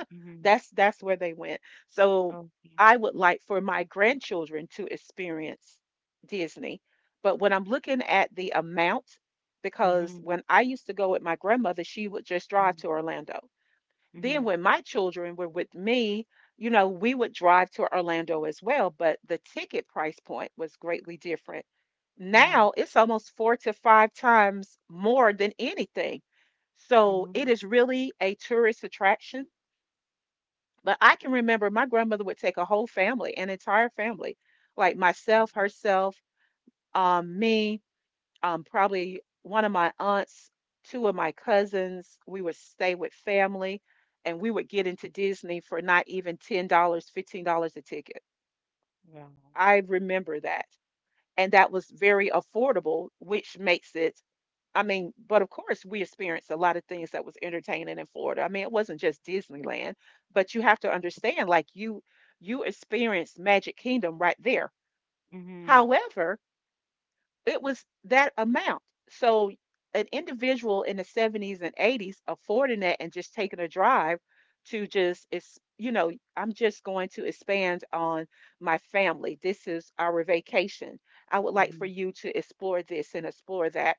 B: mhm.
A: That's where they went. So
B: Okay.
A: I would like for my grandchildren to experience Disney. But when I'm looking at the amount, because
B: Mhm,
A: when I used to go with my grandmother, she would just drive
B: mhm,
A: to Orlando. Then
B: mhm,
A: when my children were with me, you know, we would drive to Orlando as well, but the ticket price point was greatly different.
B: mhm,
A: Now it's almost 4 to 5 times more than anything. So it
B: mhm,
A: is really a tourist attraction, but I can remember my grandmother would take a whole family, an entire family, like myself,
B: mhm.
A: herself, me, probably one of my aunts, two of my cousins. We would stay with family and we would get into Disney for not even $10, dollars, $15 a ticket.
B: Yeah.
A: I remember that. And that was very affordable, which makes it I mean, but of course, we experienced a lot of things that was entertaining in Florida. I mean, it wasn't just Disneyland, but you have to understand, like you experienced Magic Kingdom right there.
B: Mhm,
A: However, it was that amount. So an individual in the 70s and 80s affording that and just taking a drive to just it's I'm just going to expand on my family. This is our vacation. I would like for
B: mhm,
A: you to explore this and explore that.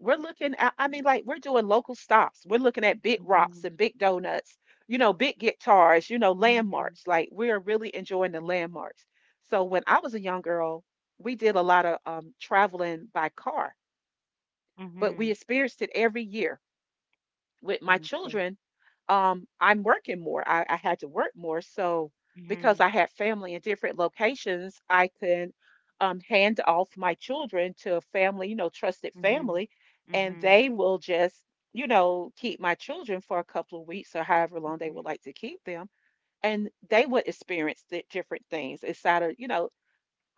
A: We're looking at I mean like we're doing local stops, we're looking at big rocks
B: mhm,
A: and big donuts, you know, big guitars, you know, landmarks. Like we're really enjoying the landmarks. So when I was a young girl, we did a lot of traveling by car, but we
B: mhm,
A: experienced it every year. With my
B: mhm. Okay.
A: children, I'm working more. I had to work more. So, because
B: Mhm,
A: I had family in different locations, I could hand off my children to a family, you know, trusted
B: mhm,
A: family, and
B: mhm,
A: they will just, you know, keep my children for a couple of weeks or however long they would
B: mhm,
A: like to keep them. And they would experience the different things inside of, you know,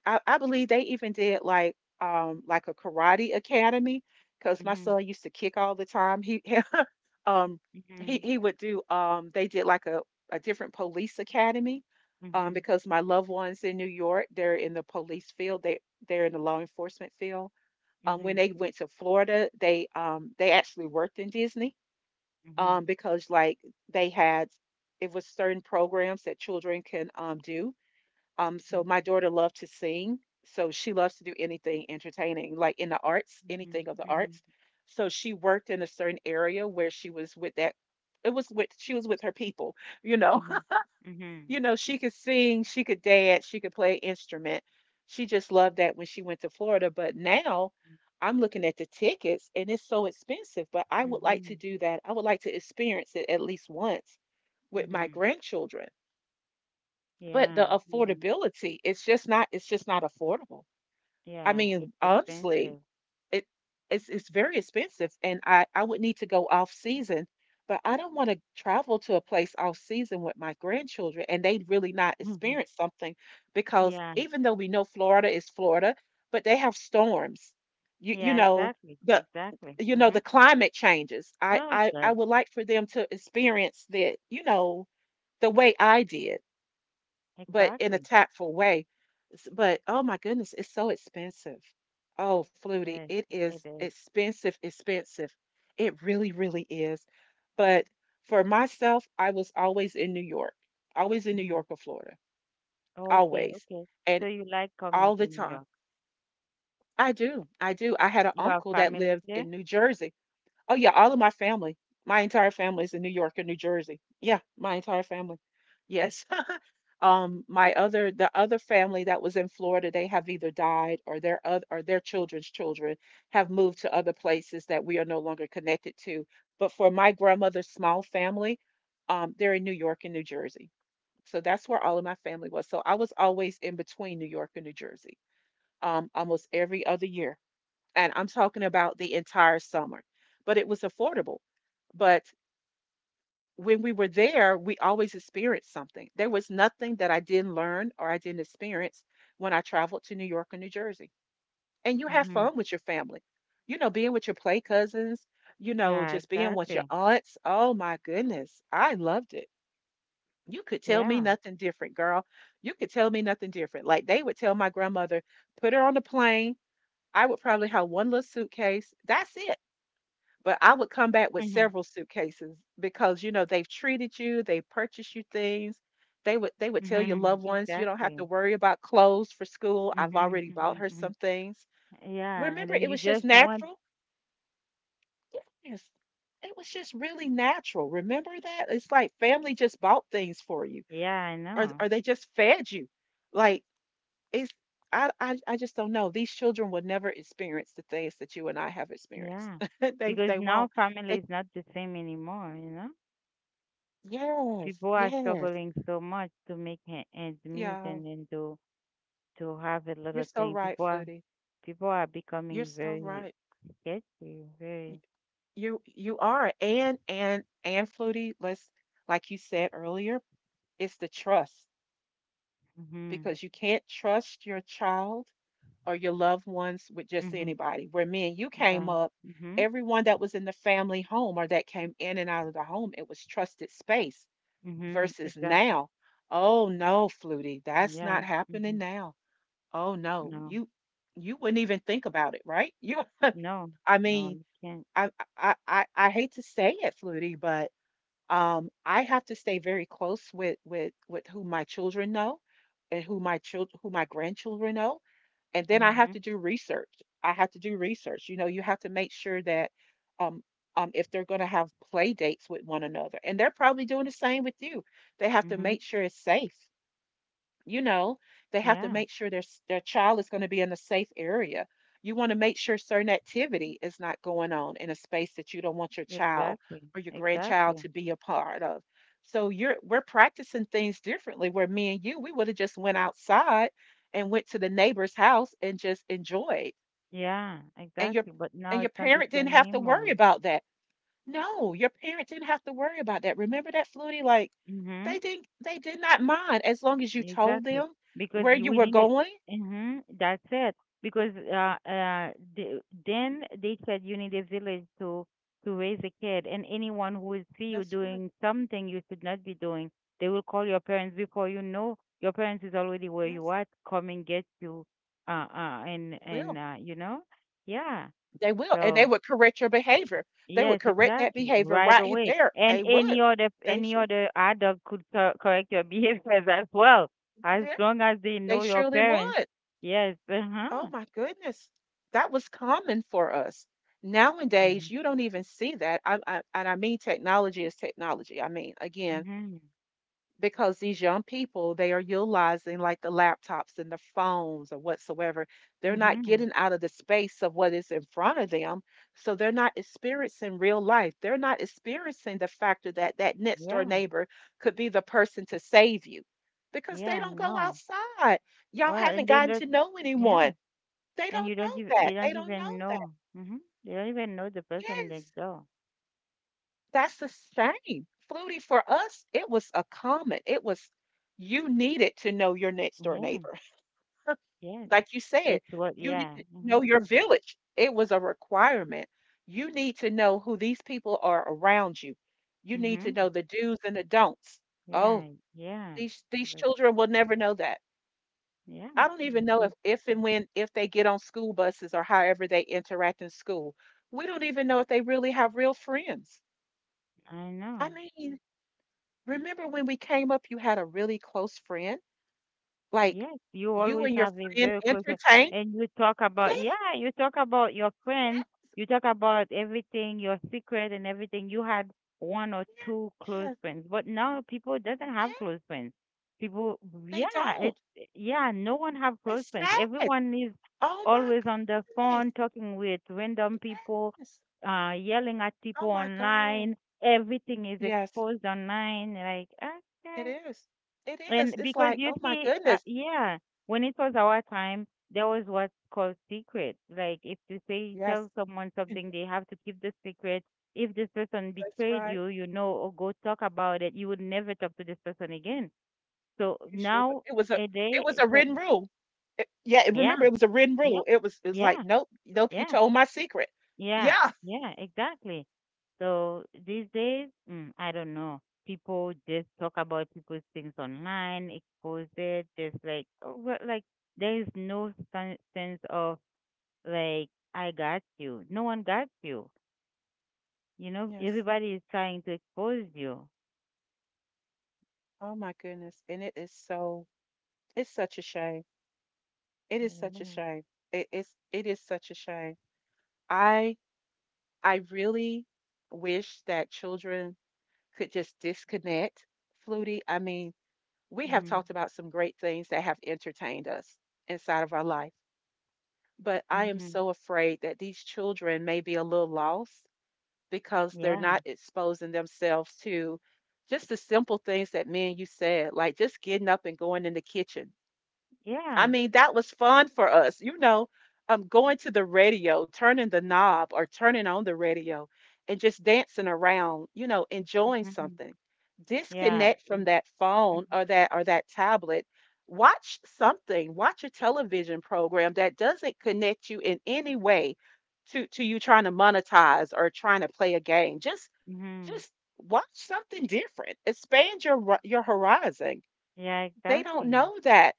A: I believe they even did like a karate academy because my
B: mhm,
A: son used to kick all the time. He um he
B: mhm,
A: he would do they did like a different police academy
B: mhm,
A: because my loved ones in New York, they're in the police field, they're in the law enforcement field.
B: mhm,
A: When
B: mhm,
A: they went to Florida, they actually worked in Disney
B: mhm,
A: because like they had it was certain programs that children can do. So my daughter loved to sing, so she loves to do anything entertaining, like in the arts,
B: mhm,
A: anything of the arts.
B: mhm,
A: So she worked in a certain area where she was with that. It was with she was with her people, you know.
B: mhm,
A: You
B: mhm,
A: know, she could sing, she could dance, she could play an instrument. She just loved that when she went to Florida. But now I'm looking at the tickets and it's so expensive. But I would like to
B: mhm,
A: do that. I would like to experience it at least once with my
B: mhm.
A: grandchildren, but the
B: Yeah, yeah,
A: affordability, it's just not, it's just not affordable. I
B: yeah.
A: mean
B: It's
A: honestly,
B: expensive.
A: it it's very expensive, and I would need to go off season, but I don't want to travel to a place off season with my grandchildren and they really not
B: Mhm.
A: experience something because
B: Yeah,
A: even though we know Florida is Florida, but they have storms. You
B: yeah,
A: know,
B: exactly,
A: the
B: exactly.
A: the
B: Mm-hmm.
A: climate changes. i
B: Oh,
A: i i
B: good.
A: would like for them to experience that, you know, the way I did, but in a
B: Exactly.
A: tactful way. But oh my goodness, it's so expensive. Oh,
B: It
A: Flutie,
B: is.
A: it is
B: It is.
A: expensive, expensive. It really, really is. But for myself, I was always in New York, always in New
B: Mm-hmm.
A: York or Florida,
B: Okay,
A: always,
B: okay.
A: and
B: So you like
A: all
B: coming
A: the
B: to New
A: time.
B: York?
A: I do, I do. I had an
B: You have
A: uncle that
B: family
A: lived
B: there?
A: in New Jersey. Oh yeah, all of my family, my entire family is in New York or New Jersey. Yeah, my entire family. Yes. My other the other family that was in Florida, they have either died or their other or their children's children have moved to other places that we are no longer connected to. But for my grandmother's small family, they're in New York and New Jersey. So that's where all of my family was. So I was always in between New York and New Jersey, almost every other year. And I'm talking about the entire summer. But it was affordable. But when we were there, we always experienced something. There was nothing that I didn't learn or I didn't experience when I traveled to New York or New Jersey. And you have
B: Mm-hmm.
A: fun with your family, you know, being with your play cousins, you know,
B: Yeah,
A: just being with
B: exactly.
A: your aunts. Oh my goodness, I loved it. You could tell me
B: Yeah.
A: nothing different, girl. You could tell me nothing different. Like they would tell my grandmother, put her on the plane. I would probably have one little suitcase. That's it. But I would come back with
B: Mhm.
A: several suitcases because, you know, they've treated you, they purchased you things. They would tell your
B: Mhm.
A: loved ones, you don't have to
B: Exactly.
A: worry about clothes for school. I've
B: Mhm.
A: already bought
B: Mhm.
A: her
B: Mhm.
A: some things.
B: Yeah, and
A: Remember,
B: then
A: it
B: you
A: was
B: just
A: just
B: want.
A: natural. Yes. It was just really natural. Remember that? It's like family just bought things for you
B: Yeah, I know.
A: or they just fed you. Like it's I just don't know. These children will never experience the things that you and I have experienced.
B: Yeah,
A: they
B: because
A: they
B: now
A: won't.
B: family
A: They
B: is not the same anymore. You know,
A: Yes,
B: people are
A: yes.
B: struggling so much to make ends meet,
A: Yeah,
B: and then to have a little
A: you're so
B: thing.
A: right, Flutie.
B: People are
A: You're
B: becoming
A: so
B: very
A: right.
B: sketchy. Very.
A: Y- you are. And Flutie, let's like you said earlier, it's the trust
B: Mhm.
A: because you can't trust your child or your loved ones with just
B: Mhm.
A: anybody. Where me and you came
B: Yeah.
A: up,
B: Mhm.
A: everyone that was in the family home or that came in and out of the home, it was trusted space
B: Mhm.
A: versus
B: Exactly.
A: now. Oh no, Flutie, that's
B: Yeah.
A: not
B: Mhm.
A: happening now. Oh no,
B: No.
A: you wouldn't even think about it, right? You
B: No.
A: I
B: No.
A: mean,
B: You can't.
A: I I hate to say it, Flutie, but I have to stay very close with who my children know, and who my grandchildren know, and then I have
B: Mhm.
A: to do research. I have to do research. You know, you have to make sure that um if they're going to have play dates with one another, and they're probably doing the same with you. They have to
B: Mm-hmm.
A: make sure it's safe you know they have to
B: Yeah,
A: make sure their child is going to be in a safe area. You want to make sure certain activity is not going on in a space that you don't want your child
B: exactly.
A: or your grandchild
B: Exactly.
A: to be a part of. So you're we're practicing things differently, where me and you, we would have just went outside and went to the neighbor's house and just enjoyed.
B: Yeah,
A: And your—
B: exactly. But now
A: and your
B: it's not the
A: parent didn't
B: same
A: have to
B: anymore.
A: worry about that. No, your parent didn't have to worry about that. Remember that, Flutie? Like
B: Mm-hmm.
A: they did not mind as long as you told
B: Exactly.
A: them
B: Because
A: where you
B: we
A: were
B: need it.
A: going.
B: Mm-hmm. That's it. Because then they said you need a village to raise a kid, and anyone who will see you
A: That's right.
B: doing something you should not be doing, they will call your parents before you know. Your parents is already where you
A: Yes,
B: are, come and get you.
A: they
B: And
A: will.
B: you know, yeah.
A: They will. And they
B: So.
A: would correct your behavior. They would
B: Yes,
A: correct that
B: exactly.
A: behavior
B: Right
A: right
B: away.
A: there.
B: And
A: They would. They
B: any
A: should.
B: other adult could correct your behaviors as well, as
A: Yeah,
B: long as they
A: they
B: know your
A: surely
B: parents.
A: would.
B: Yes.
A: Oh
B: Uh-huh.
A: my goodness. That was common for us.
B: Mm-hmm.
A: Nowadays, you don't even see that. And I mean, technology is technology. I mean, again,
B: Mm-hmm.
A: because these young people, they are utilizing like the laptops and the phones or whatsoever. They're not
B: Mm-hmm.
A: getting out of the space of what is in front of them, so they're not experiencing real life. They're not experiencing the factor that next door
B: Yeah.
A: neighbor could be the person to save you, because they
B: Yeah,
A: don't go
B: no.
A: outside. Y'all
B: Well, and
A: haven't
B: they
A: gotten to
B: don't
A: know anyone.
B: yeah.
A: They
B: And
A: don't
B: you don't even
A: know that
B: they
A: they
B: don't
A: don't know
B: even
A: that.
B: know. Mm-hmm. They don't even know the person
A: Yes.
B: next door.
A: That's the same. Flutie, for us, it was a common. It was, you needed to know your next door
B: Yeah.
A: neighbor.
B: Yes.
A: Like you said,
B: It's what
A: you need
B: yeah.
A: to
B: Mm-hmm.
A: know your village. It was a requirement. You need to know who these people are around you. You need to
B: Mm-hmm.
A: know the do's and the don'ts. Oh,
B: Yeah. Yeah.
A: these
B: But
A: children will never know that.
B: yeah,
A: I don't even
B: it's
A: know
B: just,
A: if and when if they get on school buses or however they interact in school. We don't even know if they really have real friends.
B: I
A: I
B: know.
A: mean, remember when we came up, you had a really close friend? Like
B: Yes, you
A: you
B: always
A: and your
B: have a
A: friend
B: very close
A: entertain?
B: and you talk
A: Yeah,
B: about yeah, you talk about your friends,
A: yeah,
B: you talk about everything, your secret and everything. You had one or two close
A: yeah,
B: friends, but now people doesn't have
A: yeah.
B: close friends. People,
A: They
B: yeah,
A: don't.
B: it's yeah, no one have close
A: It's
B: friends.
A: sad.
B: Everyone is
A: Oh my
B: always on the
A: goodness.
B: phone talking with random people,
A: Yes.
B: yelling at
A: Oh
B: people
A: my God.
B: online. Everything is
A: Yes,
B: exposed online. Like,
A: it
B: okay.
A: is. It is.
B: And
A: It's
B: because
A: like,
B: you
A: oh my
B: see,
A: goodness.
B: when it was our time, there was what's called secret. Like if you say
A: Yes,
B: tell someone something, they have to keep the secret. If this person
A: that's
B: betrayed
A: right.
B: you, you know, or go talk about it, you would never talk to this person again. So
A: You sure wa-
B: now
A: it was a—
B: a
A: it
B: day,
A: was
B: it's
A: a
B: like,
A: written rule. It— yeah,
B: yeah,
A: remember it was a written
B: yeah,
A: rule. It was like,
B: yeah,
A: nope, nope, you
B: yeah,
A: told my secret.
B: yeah,
A: Yeah.
B: yeah, exactly. So these days, I don't know. People just talk about people's things online, expose it, just like oh, well, like there is no sense of like I got you. No one got you. You know,
A: Yes.
B: everybody is trying to expose you.
A: Oh my goodness. And it is so, it's such a shame. It is such a
B: Mm-hmm.
A: shame. It is such a shame. I, I really wish that children could just disconnect, Flutie. I mean, we have
B: hmm
A: talked about some great things that have entertained us inside of our life, but I am
B: hmm
A: so afraid that these children may be a little lost because they're
B: Yeah.
A: not exposing themselves to just the simple things that me and you said, like just getting up and going in the kitchen. I
B: Yeah.
A: mean, that was fun for us, you know, going to the radio, turning the knob or turning on the radio and just dancing around, you know, enjoying
B: hmm
A: something.
B: Yeah.
A: Disconnect from that phone or that tablet. Watch something, watch a television program that doesn't connect you in any way to you trying to monetize or trying to play a game. Just
B: Mm-hmm.
A: just watch something different. Expand your your horizon.
B: Yeah,
A: They don't
B: exactly.
A: know that.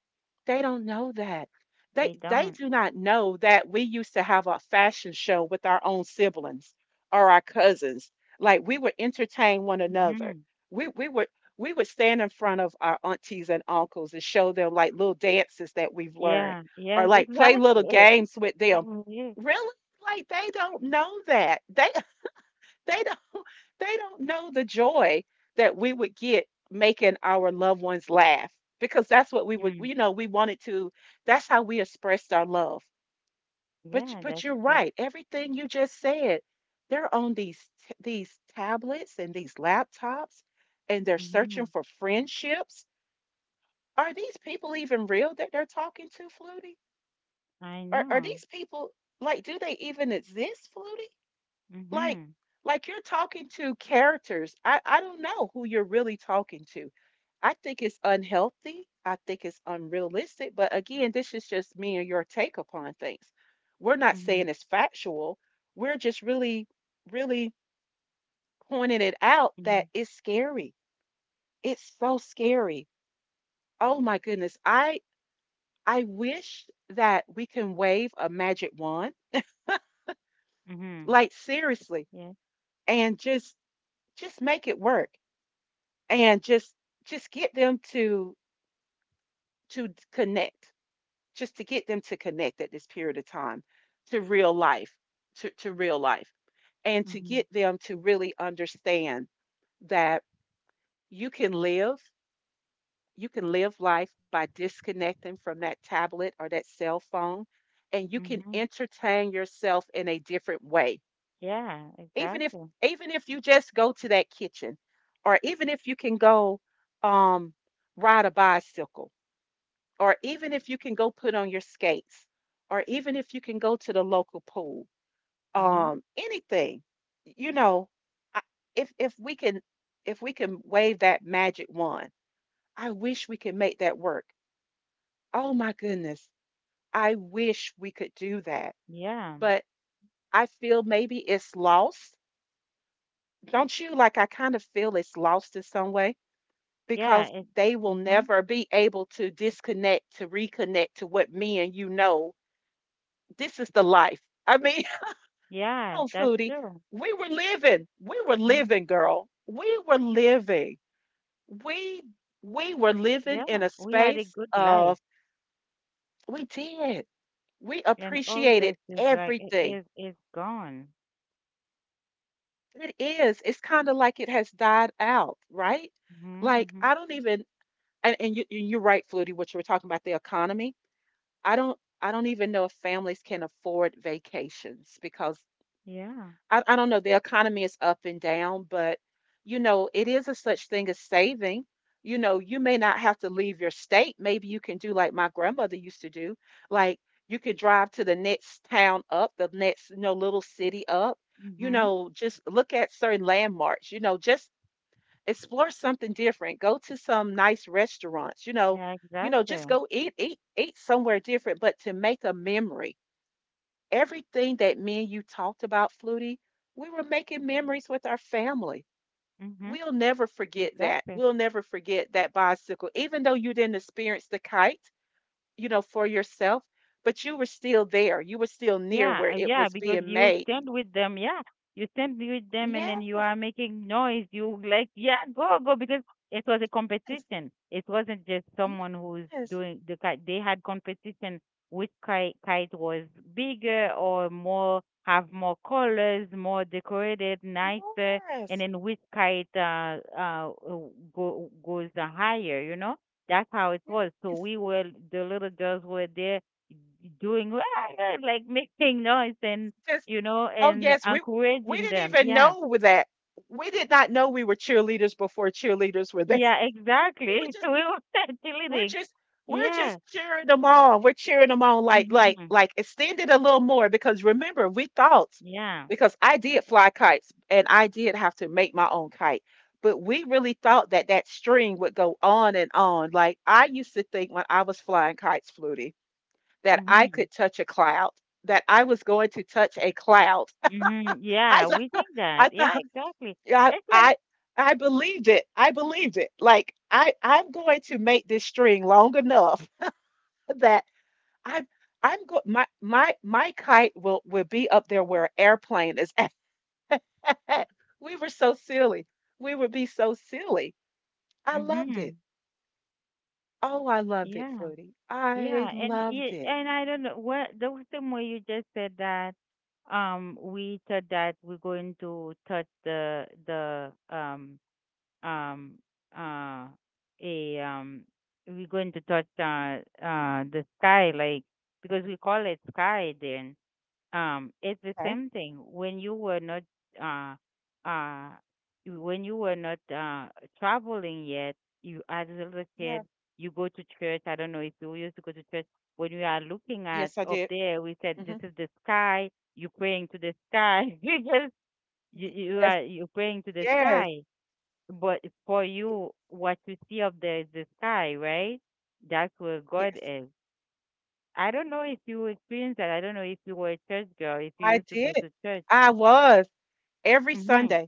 A: They don't know that.
B: They
A: They
B: don't.
A: do not know that we used to have a fashion show with our own siblings or our cousins. Like we would entertain one another.
B: hmm
A: We we would we would stand in front of our aunties and uncles and show them like little dances that we've learned,
B: Yeah.
A: or
B: Yes,
A: like play little
B: exactly.
A: games with them. Really? Like they don't know that. They don't they don't know the joy that we would get making our loved ones laugh, because that's what we would,
B: mm
A: you know, we wanted to— that's how we expressed our love. But you—
B: Yeah,
A: but
B: that's
A: you're
B: the
A: right. Everything you just said, they're on these these tablets and these laptops, and they're
B: mhm.
A: searching for friendships. Are these people even real that they're talking to, Flutie?
B: I
A: Are
B: know.
A: these people like do they even exist, Flutie? like
B: Mhm.
A: like you're talking to characters. I don't know who you're really talking to. I think it's unhealthy, I think it's unrealistic, but again, this is just me and your take upon things. We're not
B: Mhm.
A: saying it's factual. We're just really pointing it out that
B: Mhm.
A: it's scary. It's so scary. Oh my goodness. I wish that we can wave a magic wand,
B: Mhm.
A: like seriously,
B: Yeah.
A: and just make it work, and just get them to connect. Just to get them to connect at this period of time to real life, to real life, and to
B: Mhm.
A: get them to really understand that you can live— you can live life by disconnecting from that tablet or that cell phone, and you can
B: Mhm.
A: entertain yourself in a different way.
B: Yeah,
A: Even if—
B: exactly.
A: even if you just go to that kitchen, or even if you can go, um ride a bicycle, or even if you can go put on your skates, or even if you can go to the local pool,
B: Mhm.
A: anything, you know, I, if we can— if we can wave that magic wand, I wish we could make that work. Oh my goodness, I wish we could do that.
B: Yeah.
A: But I feel maybe it's lost. Don't you? Like I kind of feel it's lost in some way,
B: Yeah,
A: because
B: it's
A: they will
B: mhm.
A: never be able to disconnect to reconnect to what me and you know. This is the life. I mean,
B: Yeah,
A: oh,
B: that's
A: foodie,
B: true.
A: we were living. We were
B: Mhm.
A: living, girl. We were living. We we were living in
B: Yeah,
A: a
B: we had a
A: space
B: good
A: of—
B: life
A: we did. We
B: and all
A: appreciated
B: this is like it
A: everything.
B: is is gone.
A: It is. It's kind of like it has died out, right?
B: Mhm.
A: Like
B: Mhm.
A: I don't even— and you you- you're right, Flutie, what you were talking about, the economy. I don't even know if families can afford vacations because
B: Yeah.
A: I don't know. The economy is up and down, but you know, it is a such thing as saving. You know, you may not have to leave your state. Maybe you can do like my grandmother used to do. Like you could drive to the next town up, the next, you know, little city up. You
B: Mhm.
A: know, just look at certain landmarks. You know, just explore something different. Go to some nice restaurants.
B: Yeah,
A: You know,
B: exactly.
A: just go eat somewhere different, but to make a memory. Everything that me and you talked about, Flutie, we were making memories with our family.
B: Mhm.
A: We'll never forget that.
B: Exactly.
A: We'll never forget that bicycle, even though you didn't experience the kite, you know, for yourself, but you were still there. You were still near
B: Yeah,
A: where
B: uh,
A: it
B: yeah,
A: was
B: because
A: being
B: you
A: made.
B: stand with them, yeah. You stand with them and then
A: Yes,
B: you are making noise. You like, yeah, go, go, because it was a competition. It wasn't just someone who's
A: yes,
B: doing the kite. They had competition which kite was bigger or more, have more colors, more decorated, nicer, and
A: yes,
B: then which kite goes higher, you know? That's how it was. So
A: yes.
B: we were, the little girls were there doing like making noise and
A: Just,
B: you know
A: oh
B: and
A: yes, we
B: encouraging
A: didn't
B: them.
A: even
B: Yeah,
A: know that. We did not know we were cheerleaders before cheerleaders were there.
B: yeah,
A: We were
B: exactly.
A: just.
B: We were
A: We're
B: cheerleading.
A: just— we're
B: Yeah.
A: just cheering them on. We're cheering them on like like
B: hmm
A: like extend it a little more, because remember we thought—
B: Yeah.
A: because I did fly kites, and I did have to make my own kite. But we really thought that string would go on and on. Like I used to think when I was flying kites, Flutie, that I
B: hmm
A: could touch a cloud, that I was going to touch a cloud. I
B: Yeah, we
A: th-
B: think that.
A: I
B: Yeah,
A: thought—
B: exactly. It's like.
A: I— I believed it. I believed it. Like I— I'm going to make this string long enough that I'm I'm go— my kite will be up there where an airplane is at. We were so silly. We would be so silly. I loved it.
B: hmm
A: Oh, I loved it,
B: Yeah.
A: Flutie. I
B: Yeah,
A: loved it.
B: and I don't know what the same way you just said that we thought that we're going to touch the um uh a we're going to touch the sky, like because we call it sky then. It's the
A: Okay.
B: same thing when you were not uh uh when you were not traveling yet, you as a little
A: Yeah.
B: kid, you go to church. I don't know if you used to go to church. When we are looking at
A: Yes, I
B: up
A: did.
B: there, we said
A: Hmm.
B: this is the sky, you praying to the sky because
A: Yes.
B: you praying to the sky,
A: Yes.
B: but for
A: Y-
B: you, what you see up there is the sky, right? That's where God
A: yes.
B: is. I don't know if you experienced that. I don't know if you were a church girl, if you
A: I
B: used to
A: did.
B: go to church.
A: I was every
B: hmm
A: Sunday.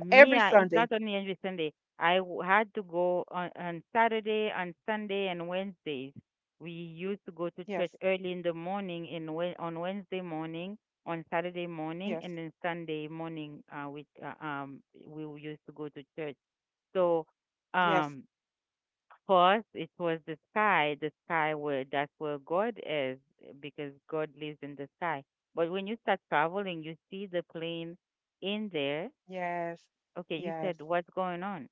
B: Me,
A: Every
B: it's
A: Sunday.
B: not only every Sunday. Had to go on Saturday, on Sunday, and Wednesdays. We used to go to church
A: Yes.
B: early in the morning, on Wednesday morning, on Saturday morning,
A: Yes.
B: and then Sunday morning. Used to go to church. So,
A: Yes.
B: um. First, it was the sky where that's where God is, because God lives in the sky. But when you start traveling, you see the plane in there.
A: Yes.
B: Okay, you
A: Yes.
B: said, what's going on?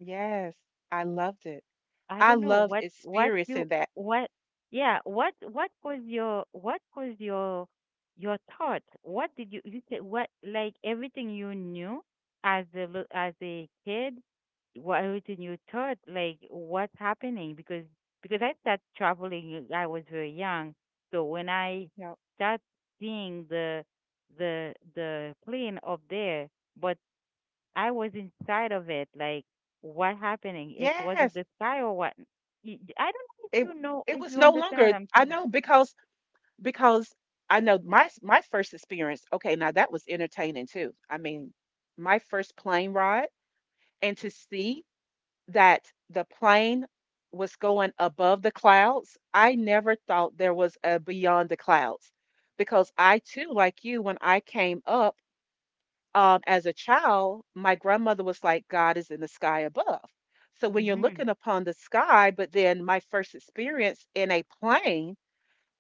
A: Yes. I loved it.
B: I
A: I
B: don't know
A: love
B: what you
A: experiencing that.
B: what what was your thought? What did you you said what Like everything you knew as a kid? What everything you thought like what's happening? Because I started traveling I was very young, so when I
A: Yeah.
B: start seeing the plane up there, but I was inside of it. Like, what happening? It wasn't
A: Yes,
B: the sky or what? I don't
A: it
B: know,
A: it
B: if
A: was
B: you
A: no
B: understand what
A: longer.
B: I'm
A: I
B: saying.
A: know, because because I know my first experience. Okay, now that was entertaining too. I mean, my first plane ride, and to see that the plane was going above the clouds, I never thought there was a beyond the clouds, because I too, like you, when I came up, as a child, my grandmother was like, God is in the sky above. So when you're
B: Mhm.
A: looking upon the sky, but then my first experience in a plane,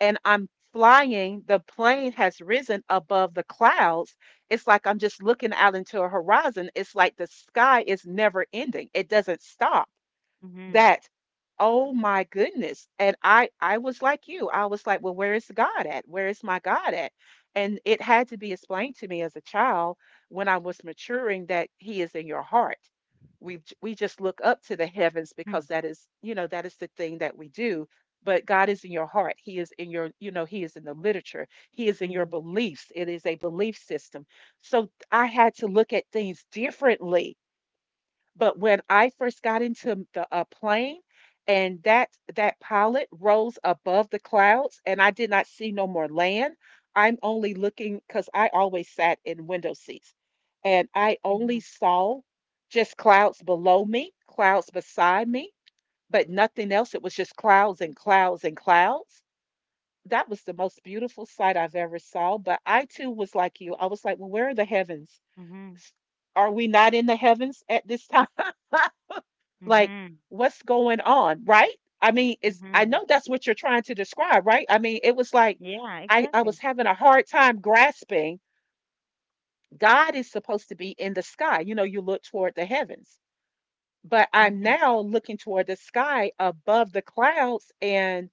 A: and I'm flying, the plane has risen above the clouds. It's like I'm just looking out into a horizon. It's like the sky is never ending, it doesn't stop.
B: Mhm.
A: That— oh my goodness. And I was like you. I was like, "Well, where is God at? Where is my God at?" And it had to be explained to me as a child when I was maturing that he is in your heart. We just look up to the heavens
B: Mhm.
A: because that is, you know, that is the thing that we do. But God is in your heart. He is in your, you know, he is in the literature. He is in your
B: Mhm.
A: beliefs. It is a belief system. So I had to look at things differently, but when I first got into the plane and that pilot rose above the clouds and I did not see no more land, I'm only looking because I always sat in window seats and I
B: Mhm.
A: only saw just clouds below me, clouds beside me, but nothing else. It was just clouds and clouds and clouds. That was the most beautiful sight I've ever saw. But I too was like you. I was like, well, where are the heavens?
B: Mhm.
A: Are we not in the heavens at this time? Like,
B: Mhm.
A: what's going on, right? I mean, it's I
B: Mhm.
A: know that's what you're trying to describe, right? I mean, it was like
B: Yeah,
A: I
B: exactly.
A: was having a hard time grasping. God is supposed to be in the sky. You know, you look toward the heavens. But I'm
B: Mhm.
A: now looking toward the sky above the clouds and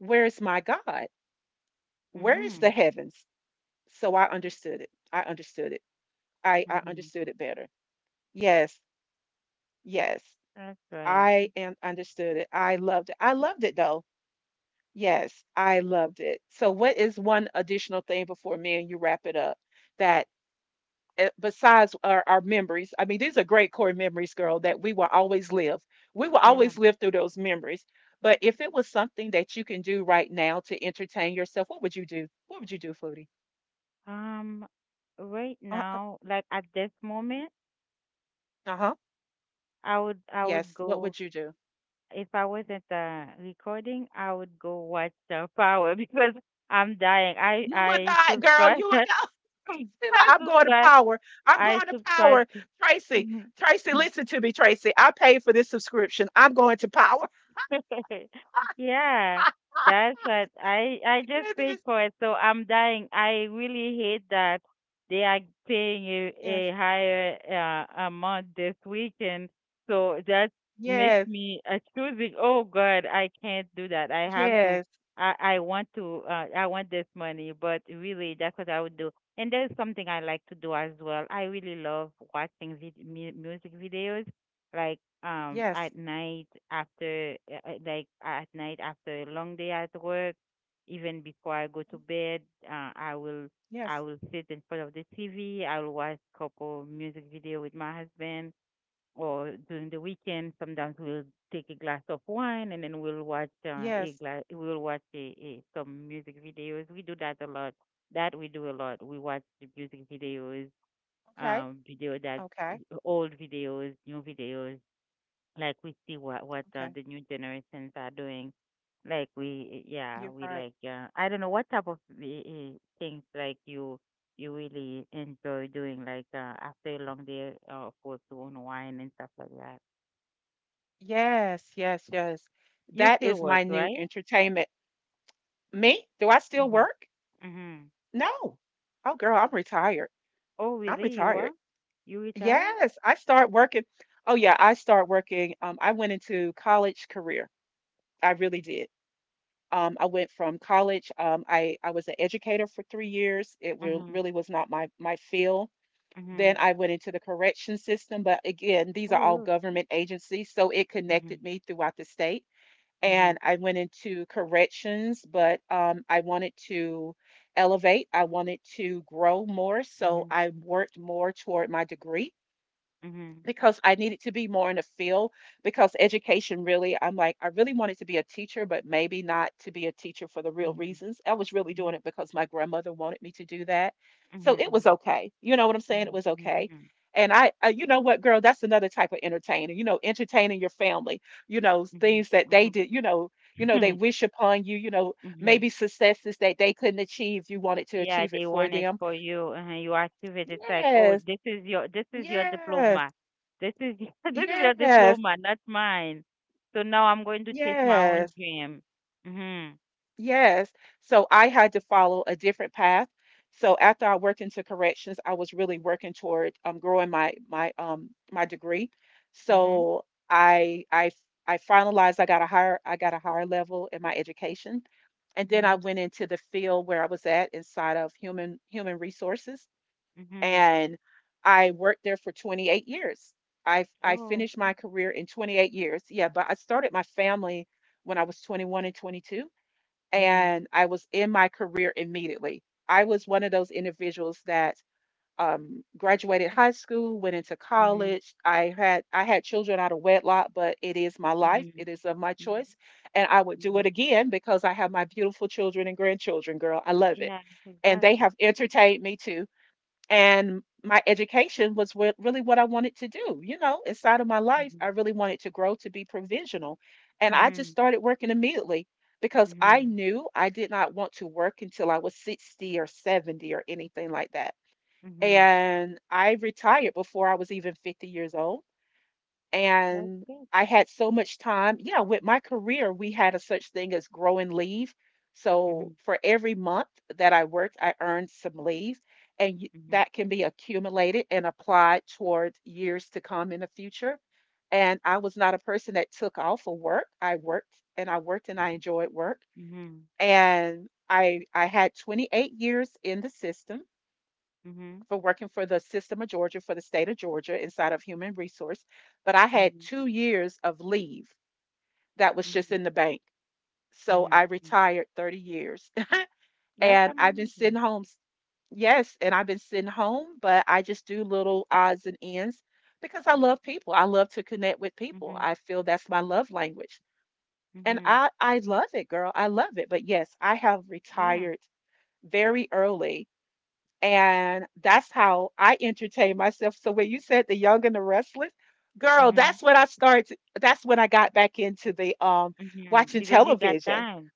A: where's my God? Where is the
B: Mhm.
A: heavens? So I understood it. I understood it. I
B: Mhm.
A: understood it better. Yes. Yes.
B: That's right.
A: I am understood it. I loved it. I loved it though. Yes, I loved it. So what is one additional thing before me and you wrap it up that besides our memories, I mean, these are great core memories, girl, that we will always live. We will
B: Yeah.
A: always live through those memories. But if it was something that you can do right now to entertain yourself, what would you do? What would you do, Foodie?
B: Um, right
A: Uh,
B: now, like at this moment,
A: huh.
B: I would
A: Yes, what
B: go
A: would you do?
B: if I wasn't recording. I would go watch the power because I'm dying.
A: You would
B: I
A: not, girl.
B: subscribe.
A: You would not. Just be
B: I
A: like, I'm going to
B: subscribe.
A: power. I'm
B: I
A: going to
B: subscribe
A: power. Tracy,
B: to.
A: Tracy, listen to me, Tracy. I paid for this subscription. I'm going to power.
B: Yeah, that's what I just
A: It
B: paid
A: is.
B: for it, so I'm dying. I really hate that they are paying a
A: Yes.
B: a higher amount this weekend. So that makes
A: Yes.
B: me choosing. Oh God, I can't do that. I have to.
A: Yes.
B: I want to. I want this money, but really, that's what I would do. And there's something I like to do as well. I really love watching music videos like
A: Yes.
B: at night after like at night after a long day at work, even before I go to bed. uh, i will I
A: Yes.
B: will sit in front of the TV. I will watch couple music video with my husband or during the weekend. Sometimes we'll take a glass of wine and then we'll watch a
A: Yes.
B: glass we'll watch a some music videos. We do that a lot. That we do a lot, we watch the music videos,
A: Okay.
B: video that
A: Okay.
B: old videos, new videos, like we see what
A: Okay.
B: the new generations are doing. Like we, yeah,
A: You're
B: we
A: right.
B: like. I don't know what type of things like you really enjoy doing. Like after a long day, of course, to unwind and stuff like that.
A: Yes. Yes. Yes.
B: You
A: That
B: still
A: is
B: work,
A: my new
B: right?
A: entertainment. Me? Do I still
B: Mhm.
A: work?
B: Mhm.
A: No. Oh, girl, I'm retired.
B: Oh,
A: I'm
B: really? You
A: retired.
B: are? You retired?
A: Yes. I start working. Oh, yeah. I start working. I went into college career. I really did. I went from college. I was an educator for 3 years. It re-
B: Mhm.
A: really was not my field. Then
B: Mhm.
A: I went into the correction system, but again, these are
B: Oh,
A: all
B: really?
A: government agencies, so it
B: Mhm.
A: connected me throughout the state.
B: Mhm.
A: And I went into corrections, but I wanted to elevate, I wanted to grow more, so
B: Mhm.
A: I worked more toward my degree. Because I needed to be more in the field, because education really, I'm like, I really wanted to be a teacher, but maybe not to be a teacher for the real
B: Mhm.
A: reasons. I was really doing
B: Mhm.
A: it because my grandmother wanted me to do that. So
B: Mhm.
A: it was okay. You know what I'm saying? It
B: Mhm.
A: was
B: Mhm.
A: okay.
B: Mhm.
A: And I you know what, girl, that's another type of entertaining, you know, entertaining your family, you know,
B: Mhm.
A: things that they
B: Mhm.
A: did, you know, they
B: Mhm.
A: wish upon you, you know,
B: Mhm.
A: maybe successes that they couldn't achieve, you wanted to
B: Yeah,
A: achieve it
B: they
A: for
B: want it
A: them.
B: for you. You active it. It's like, oh,
A: Yes,
B: this is your
A: yes,
B: diploma. This is your- this is your
A: yes,
B: diploma, not mine. So now I'm going to chase my own
A: yes.
B: dream. Mhm.
A: Yes. So I had to follow a different path. So after I worked into corrections, I was really working toward growing my degree.
B: Mhm.
A: So I finalized I got a higher level in my education. And then I
B: Mhm.
A: went into the field where I was at inside of human resources
B: Mhm.
A: and I worked there for 28 years. I
B: Oh.
A: finished my career in 28 years. Yeah, but I started my family when I was 21 and 22
B: Mhm.
A: and I was in my career immediately. I was one of those individuals that graduated high school, went into
B: Mhm.
A: college. I had children out of wedlock, but it is my life.
B: Mhm.
A: It is of my
B: Mhm.
A: choice, and I would do it
B: Mhm.
A: again because I have my beautiful children and grandchildren. Girl, I love it,
B: Yeah,
A: and they
B: exactly.
A: have entertained me too, and my education was what, really what I wanted to do. You know, inside of my life,
B: Mhm.
A: I really wanted to grow to be provisional. And I just
B: Mhm.
A: started working immediately because I
B: Mhm.
A: knew I did not want to work until I was 60 or 70 or anything like that.
B: Mhm.
A: And I retired before I was even 50 years old
B: That's
A: and
B: good.
A: I had so much time. Yeah, with my career, we had a such thing as grow and leave. So
B: Mhm.
A: for every month that I worked, I earned some leave, and
B: Mhm.
A: that can be accumulated and applied toward years to come in the future. And I was not a person that took off of work. I worked and I worked and I enjoyed work.
B: Mhm.
A: And I had 28 years in the system
B: Mhm.
A: for working for the system of Georgia, for the state of Georgia inside of human resource. But I had
B: Mhm.
A: 2 years of leave that was just
B: Mhm.
A: in the bank. So I
B: Mhm. Mhm.
A: retired 30 years
B: That's
A: and I've been sitting
B: amazing.
A: home. Yes, and I've been sitting home, but I just do little odds and ends because I love people. I love to connect with people.
B: Mhm.
A: I feel that's my love language. And
B: Mhm.
A: I love it, girl. I love it. But yes, I have
B: Yeah.
A: retired very early. And that's how I entertain myself. So when you said The Young and the Restless, girl,
B: Mhm.
A: that's when I started. That's when I got back into the
B: Mhm.
A: watching
B: Because you got
A: television.
B: time.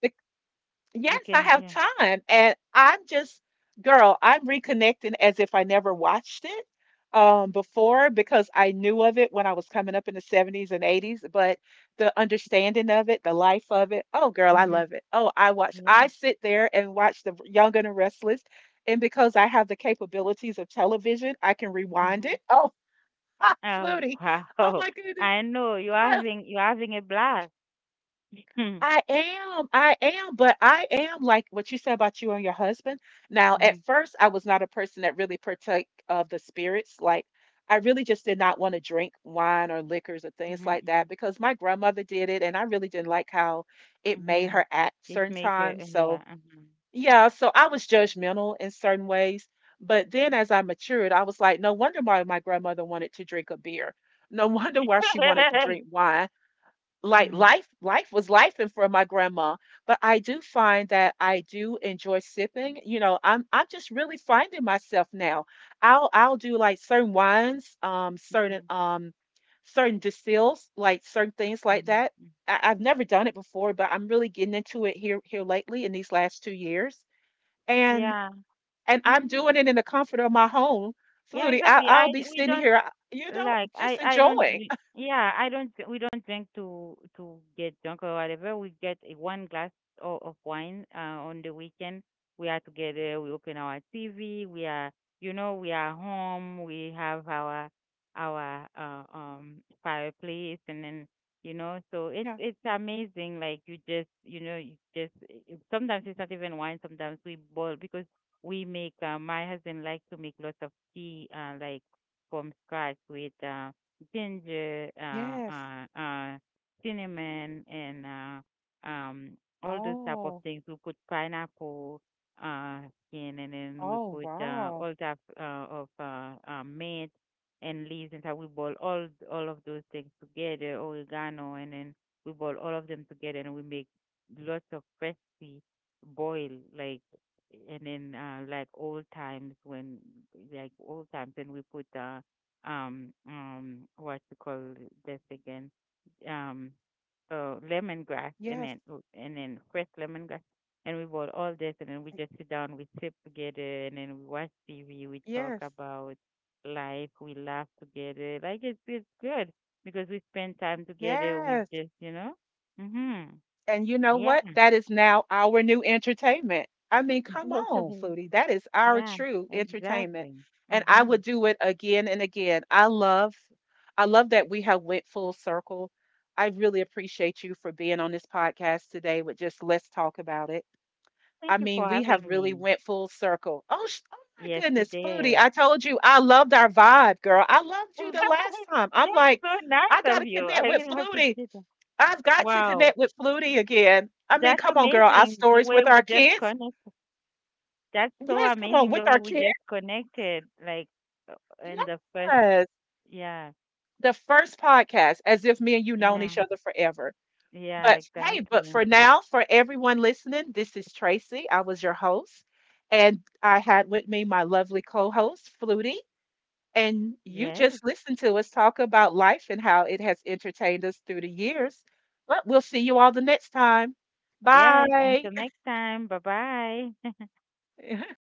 B: You
A: Yes, I
B: can,
A: have
B: yeah.
A: time. And I'm just, girl, I'm reconnecting as if I never watched it before because I knew of it when I was coming up in the 70s and 80s. But the understanding of it, the life of it, oh, girl, I
B: Mhm.
A: love it. Oh, I watch,
B: Yeah.
A: I sit there and watch The Young and the Restless. And because I have the capabilities of television, I can rewind
B: Mhm.
A: it. Oh,
B: Oh,
A: Flutie. Oh,
B: wow.
A: my goodness.
B: I know you're having a blast. Mhm.
A: I am, but I am like what you said about you and your husband. Now, at
B: Mhm.
A: first, I was not a person that really partake of the spirits. Like, I really just did not want to drink wine or liquors or things
B: Mhm.
A: like that
B: Mhm.
A: because my grandmother did it, and I really didn't like how it made
B: Mhm.
A: her act
B: It
A: certain
B: make a-
A: times. So,
B: yeah. Mhm.
A: yeah, so I was judgmental in certain ways. But then as I matured, I was like, no wonder why my grandmother wanted to drink a beer. No wonder why she wanted to drink wine. Like,
B: Mhm.
A: life was life and for my grandma. But I do find that I do enjoy sipping, you know, I'm just really finding myself now. I'll do like certain wines, certain
B: Mhm.
A: certain distills, like certain things like
B: Mhm.
A: that.
B: Mhm.
A: I've never done it before, but I'm really getting into it here lately in these last 2 years and
B: Yeah.
A: and I'm
B: Mhm.
A: doing it in the comfort of my home,
B: Yeah,
A: Flutie. I,
B: exactly. I
A: i'll be
B: we
A: sitting
B: don't
A: here, you know,
B: Like
A: just
B: I don't
A: enjoying.
B: dri- yeah, I don't dr- we don't drink to get drunk or whatever. We get a one glass of wine on the weekend. We are together, we open our TV, we are you know, we are home, we have our fireplace, and then you know, so
A: Yeah,
B: it's amazing, like you just you know, you just sometimes it's not even wine, sometimes we boil because we make my husband likes to make lots of tea like from scratch with ginger,
A: yes,
B: cinnamon, and all those type of
A: oh.
B: things. We put pineapple uh, skin, and then we
A: Oh,
B: put
A: wow.
B: all type of mint and leaves, and so we boil all of those things together, oregano, and then we boil all of them together, and we make lots of crispy boil, like, and then like old times when like old times, and we put what to call this again um lemongrass,
A: Yes.
B: and then fresh lemongrass, and we bought all this, and then we just sit down, we sip together, and then we watch TV, we talk
A: Yes.
B: about life, we laugh together. Like, it's good because we spend time together, we
A: Yes.
B: just you know mhm
A: And you know
B: yeah
A: what? That is now our new entertainment. I mean, come on, Foodie. That is our
B: Yeah,
A: true entertainment.
B: exactly.
A: And I
B: Mm-hmm.
A: would do it again and again. I love. I love that we have went full circle. I really appreciate you for being on this podcast today with just Let's Talk About It. I
B: Thank you
A: mean,
B: for
A: we have
B: having
A: really
B: me.
A: went full circle. Oh, oh my
B: Yes, we
A: goodness, Foodie!
B: did.
A: I told you I loved our vibe, girl. I loved you the last time. I'm like,
B: That's so
A: I
B: nice of
A: gotta
B: you.
A: connect
B: I
A: with
B: really
A: Flutie.
B: appreciate that.
A: I've got to
B: Wow,
A: connect with Flutie again. I mean,
B: that's
A: come on, girl. Our
B: amazing the
A: stories
B: way
A: with
B: we
A: our
B: just
A: kids.
B: connect. That's so
A: Yes, come on,
B: amazing the
A: with
B: way
A: our
B: we
A: kids.
B: just connected, like uh, in the first,
A: Yes,
B: yeah,
A: the first podcast, as if me and you known
B: yeah,
A: each other forever.
B: yeah,
A: But hey, but
B: exactly.
A: for now, for everyone listening, this is Tracy. I was your host, and I had with me my lovely co-host, Flutie. And you
B: Yes,
A: just listened to us talk about life and how it has entertained us through the years. But we'll see you all the next time.
B: yes.
A: Bye.
B: Until next time. Bye bye.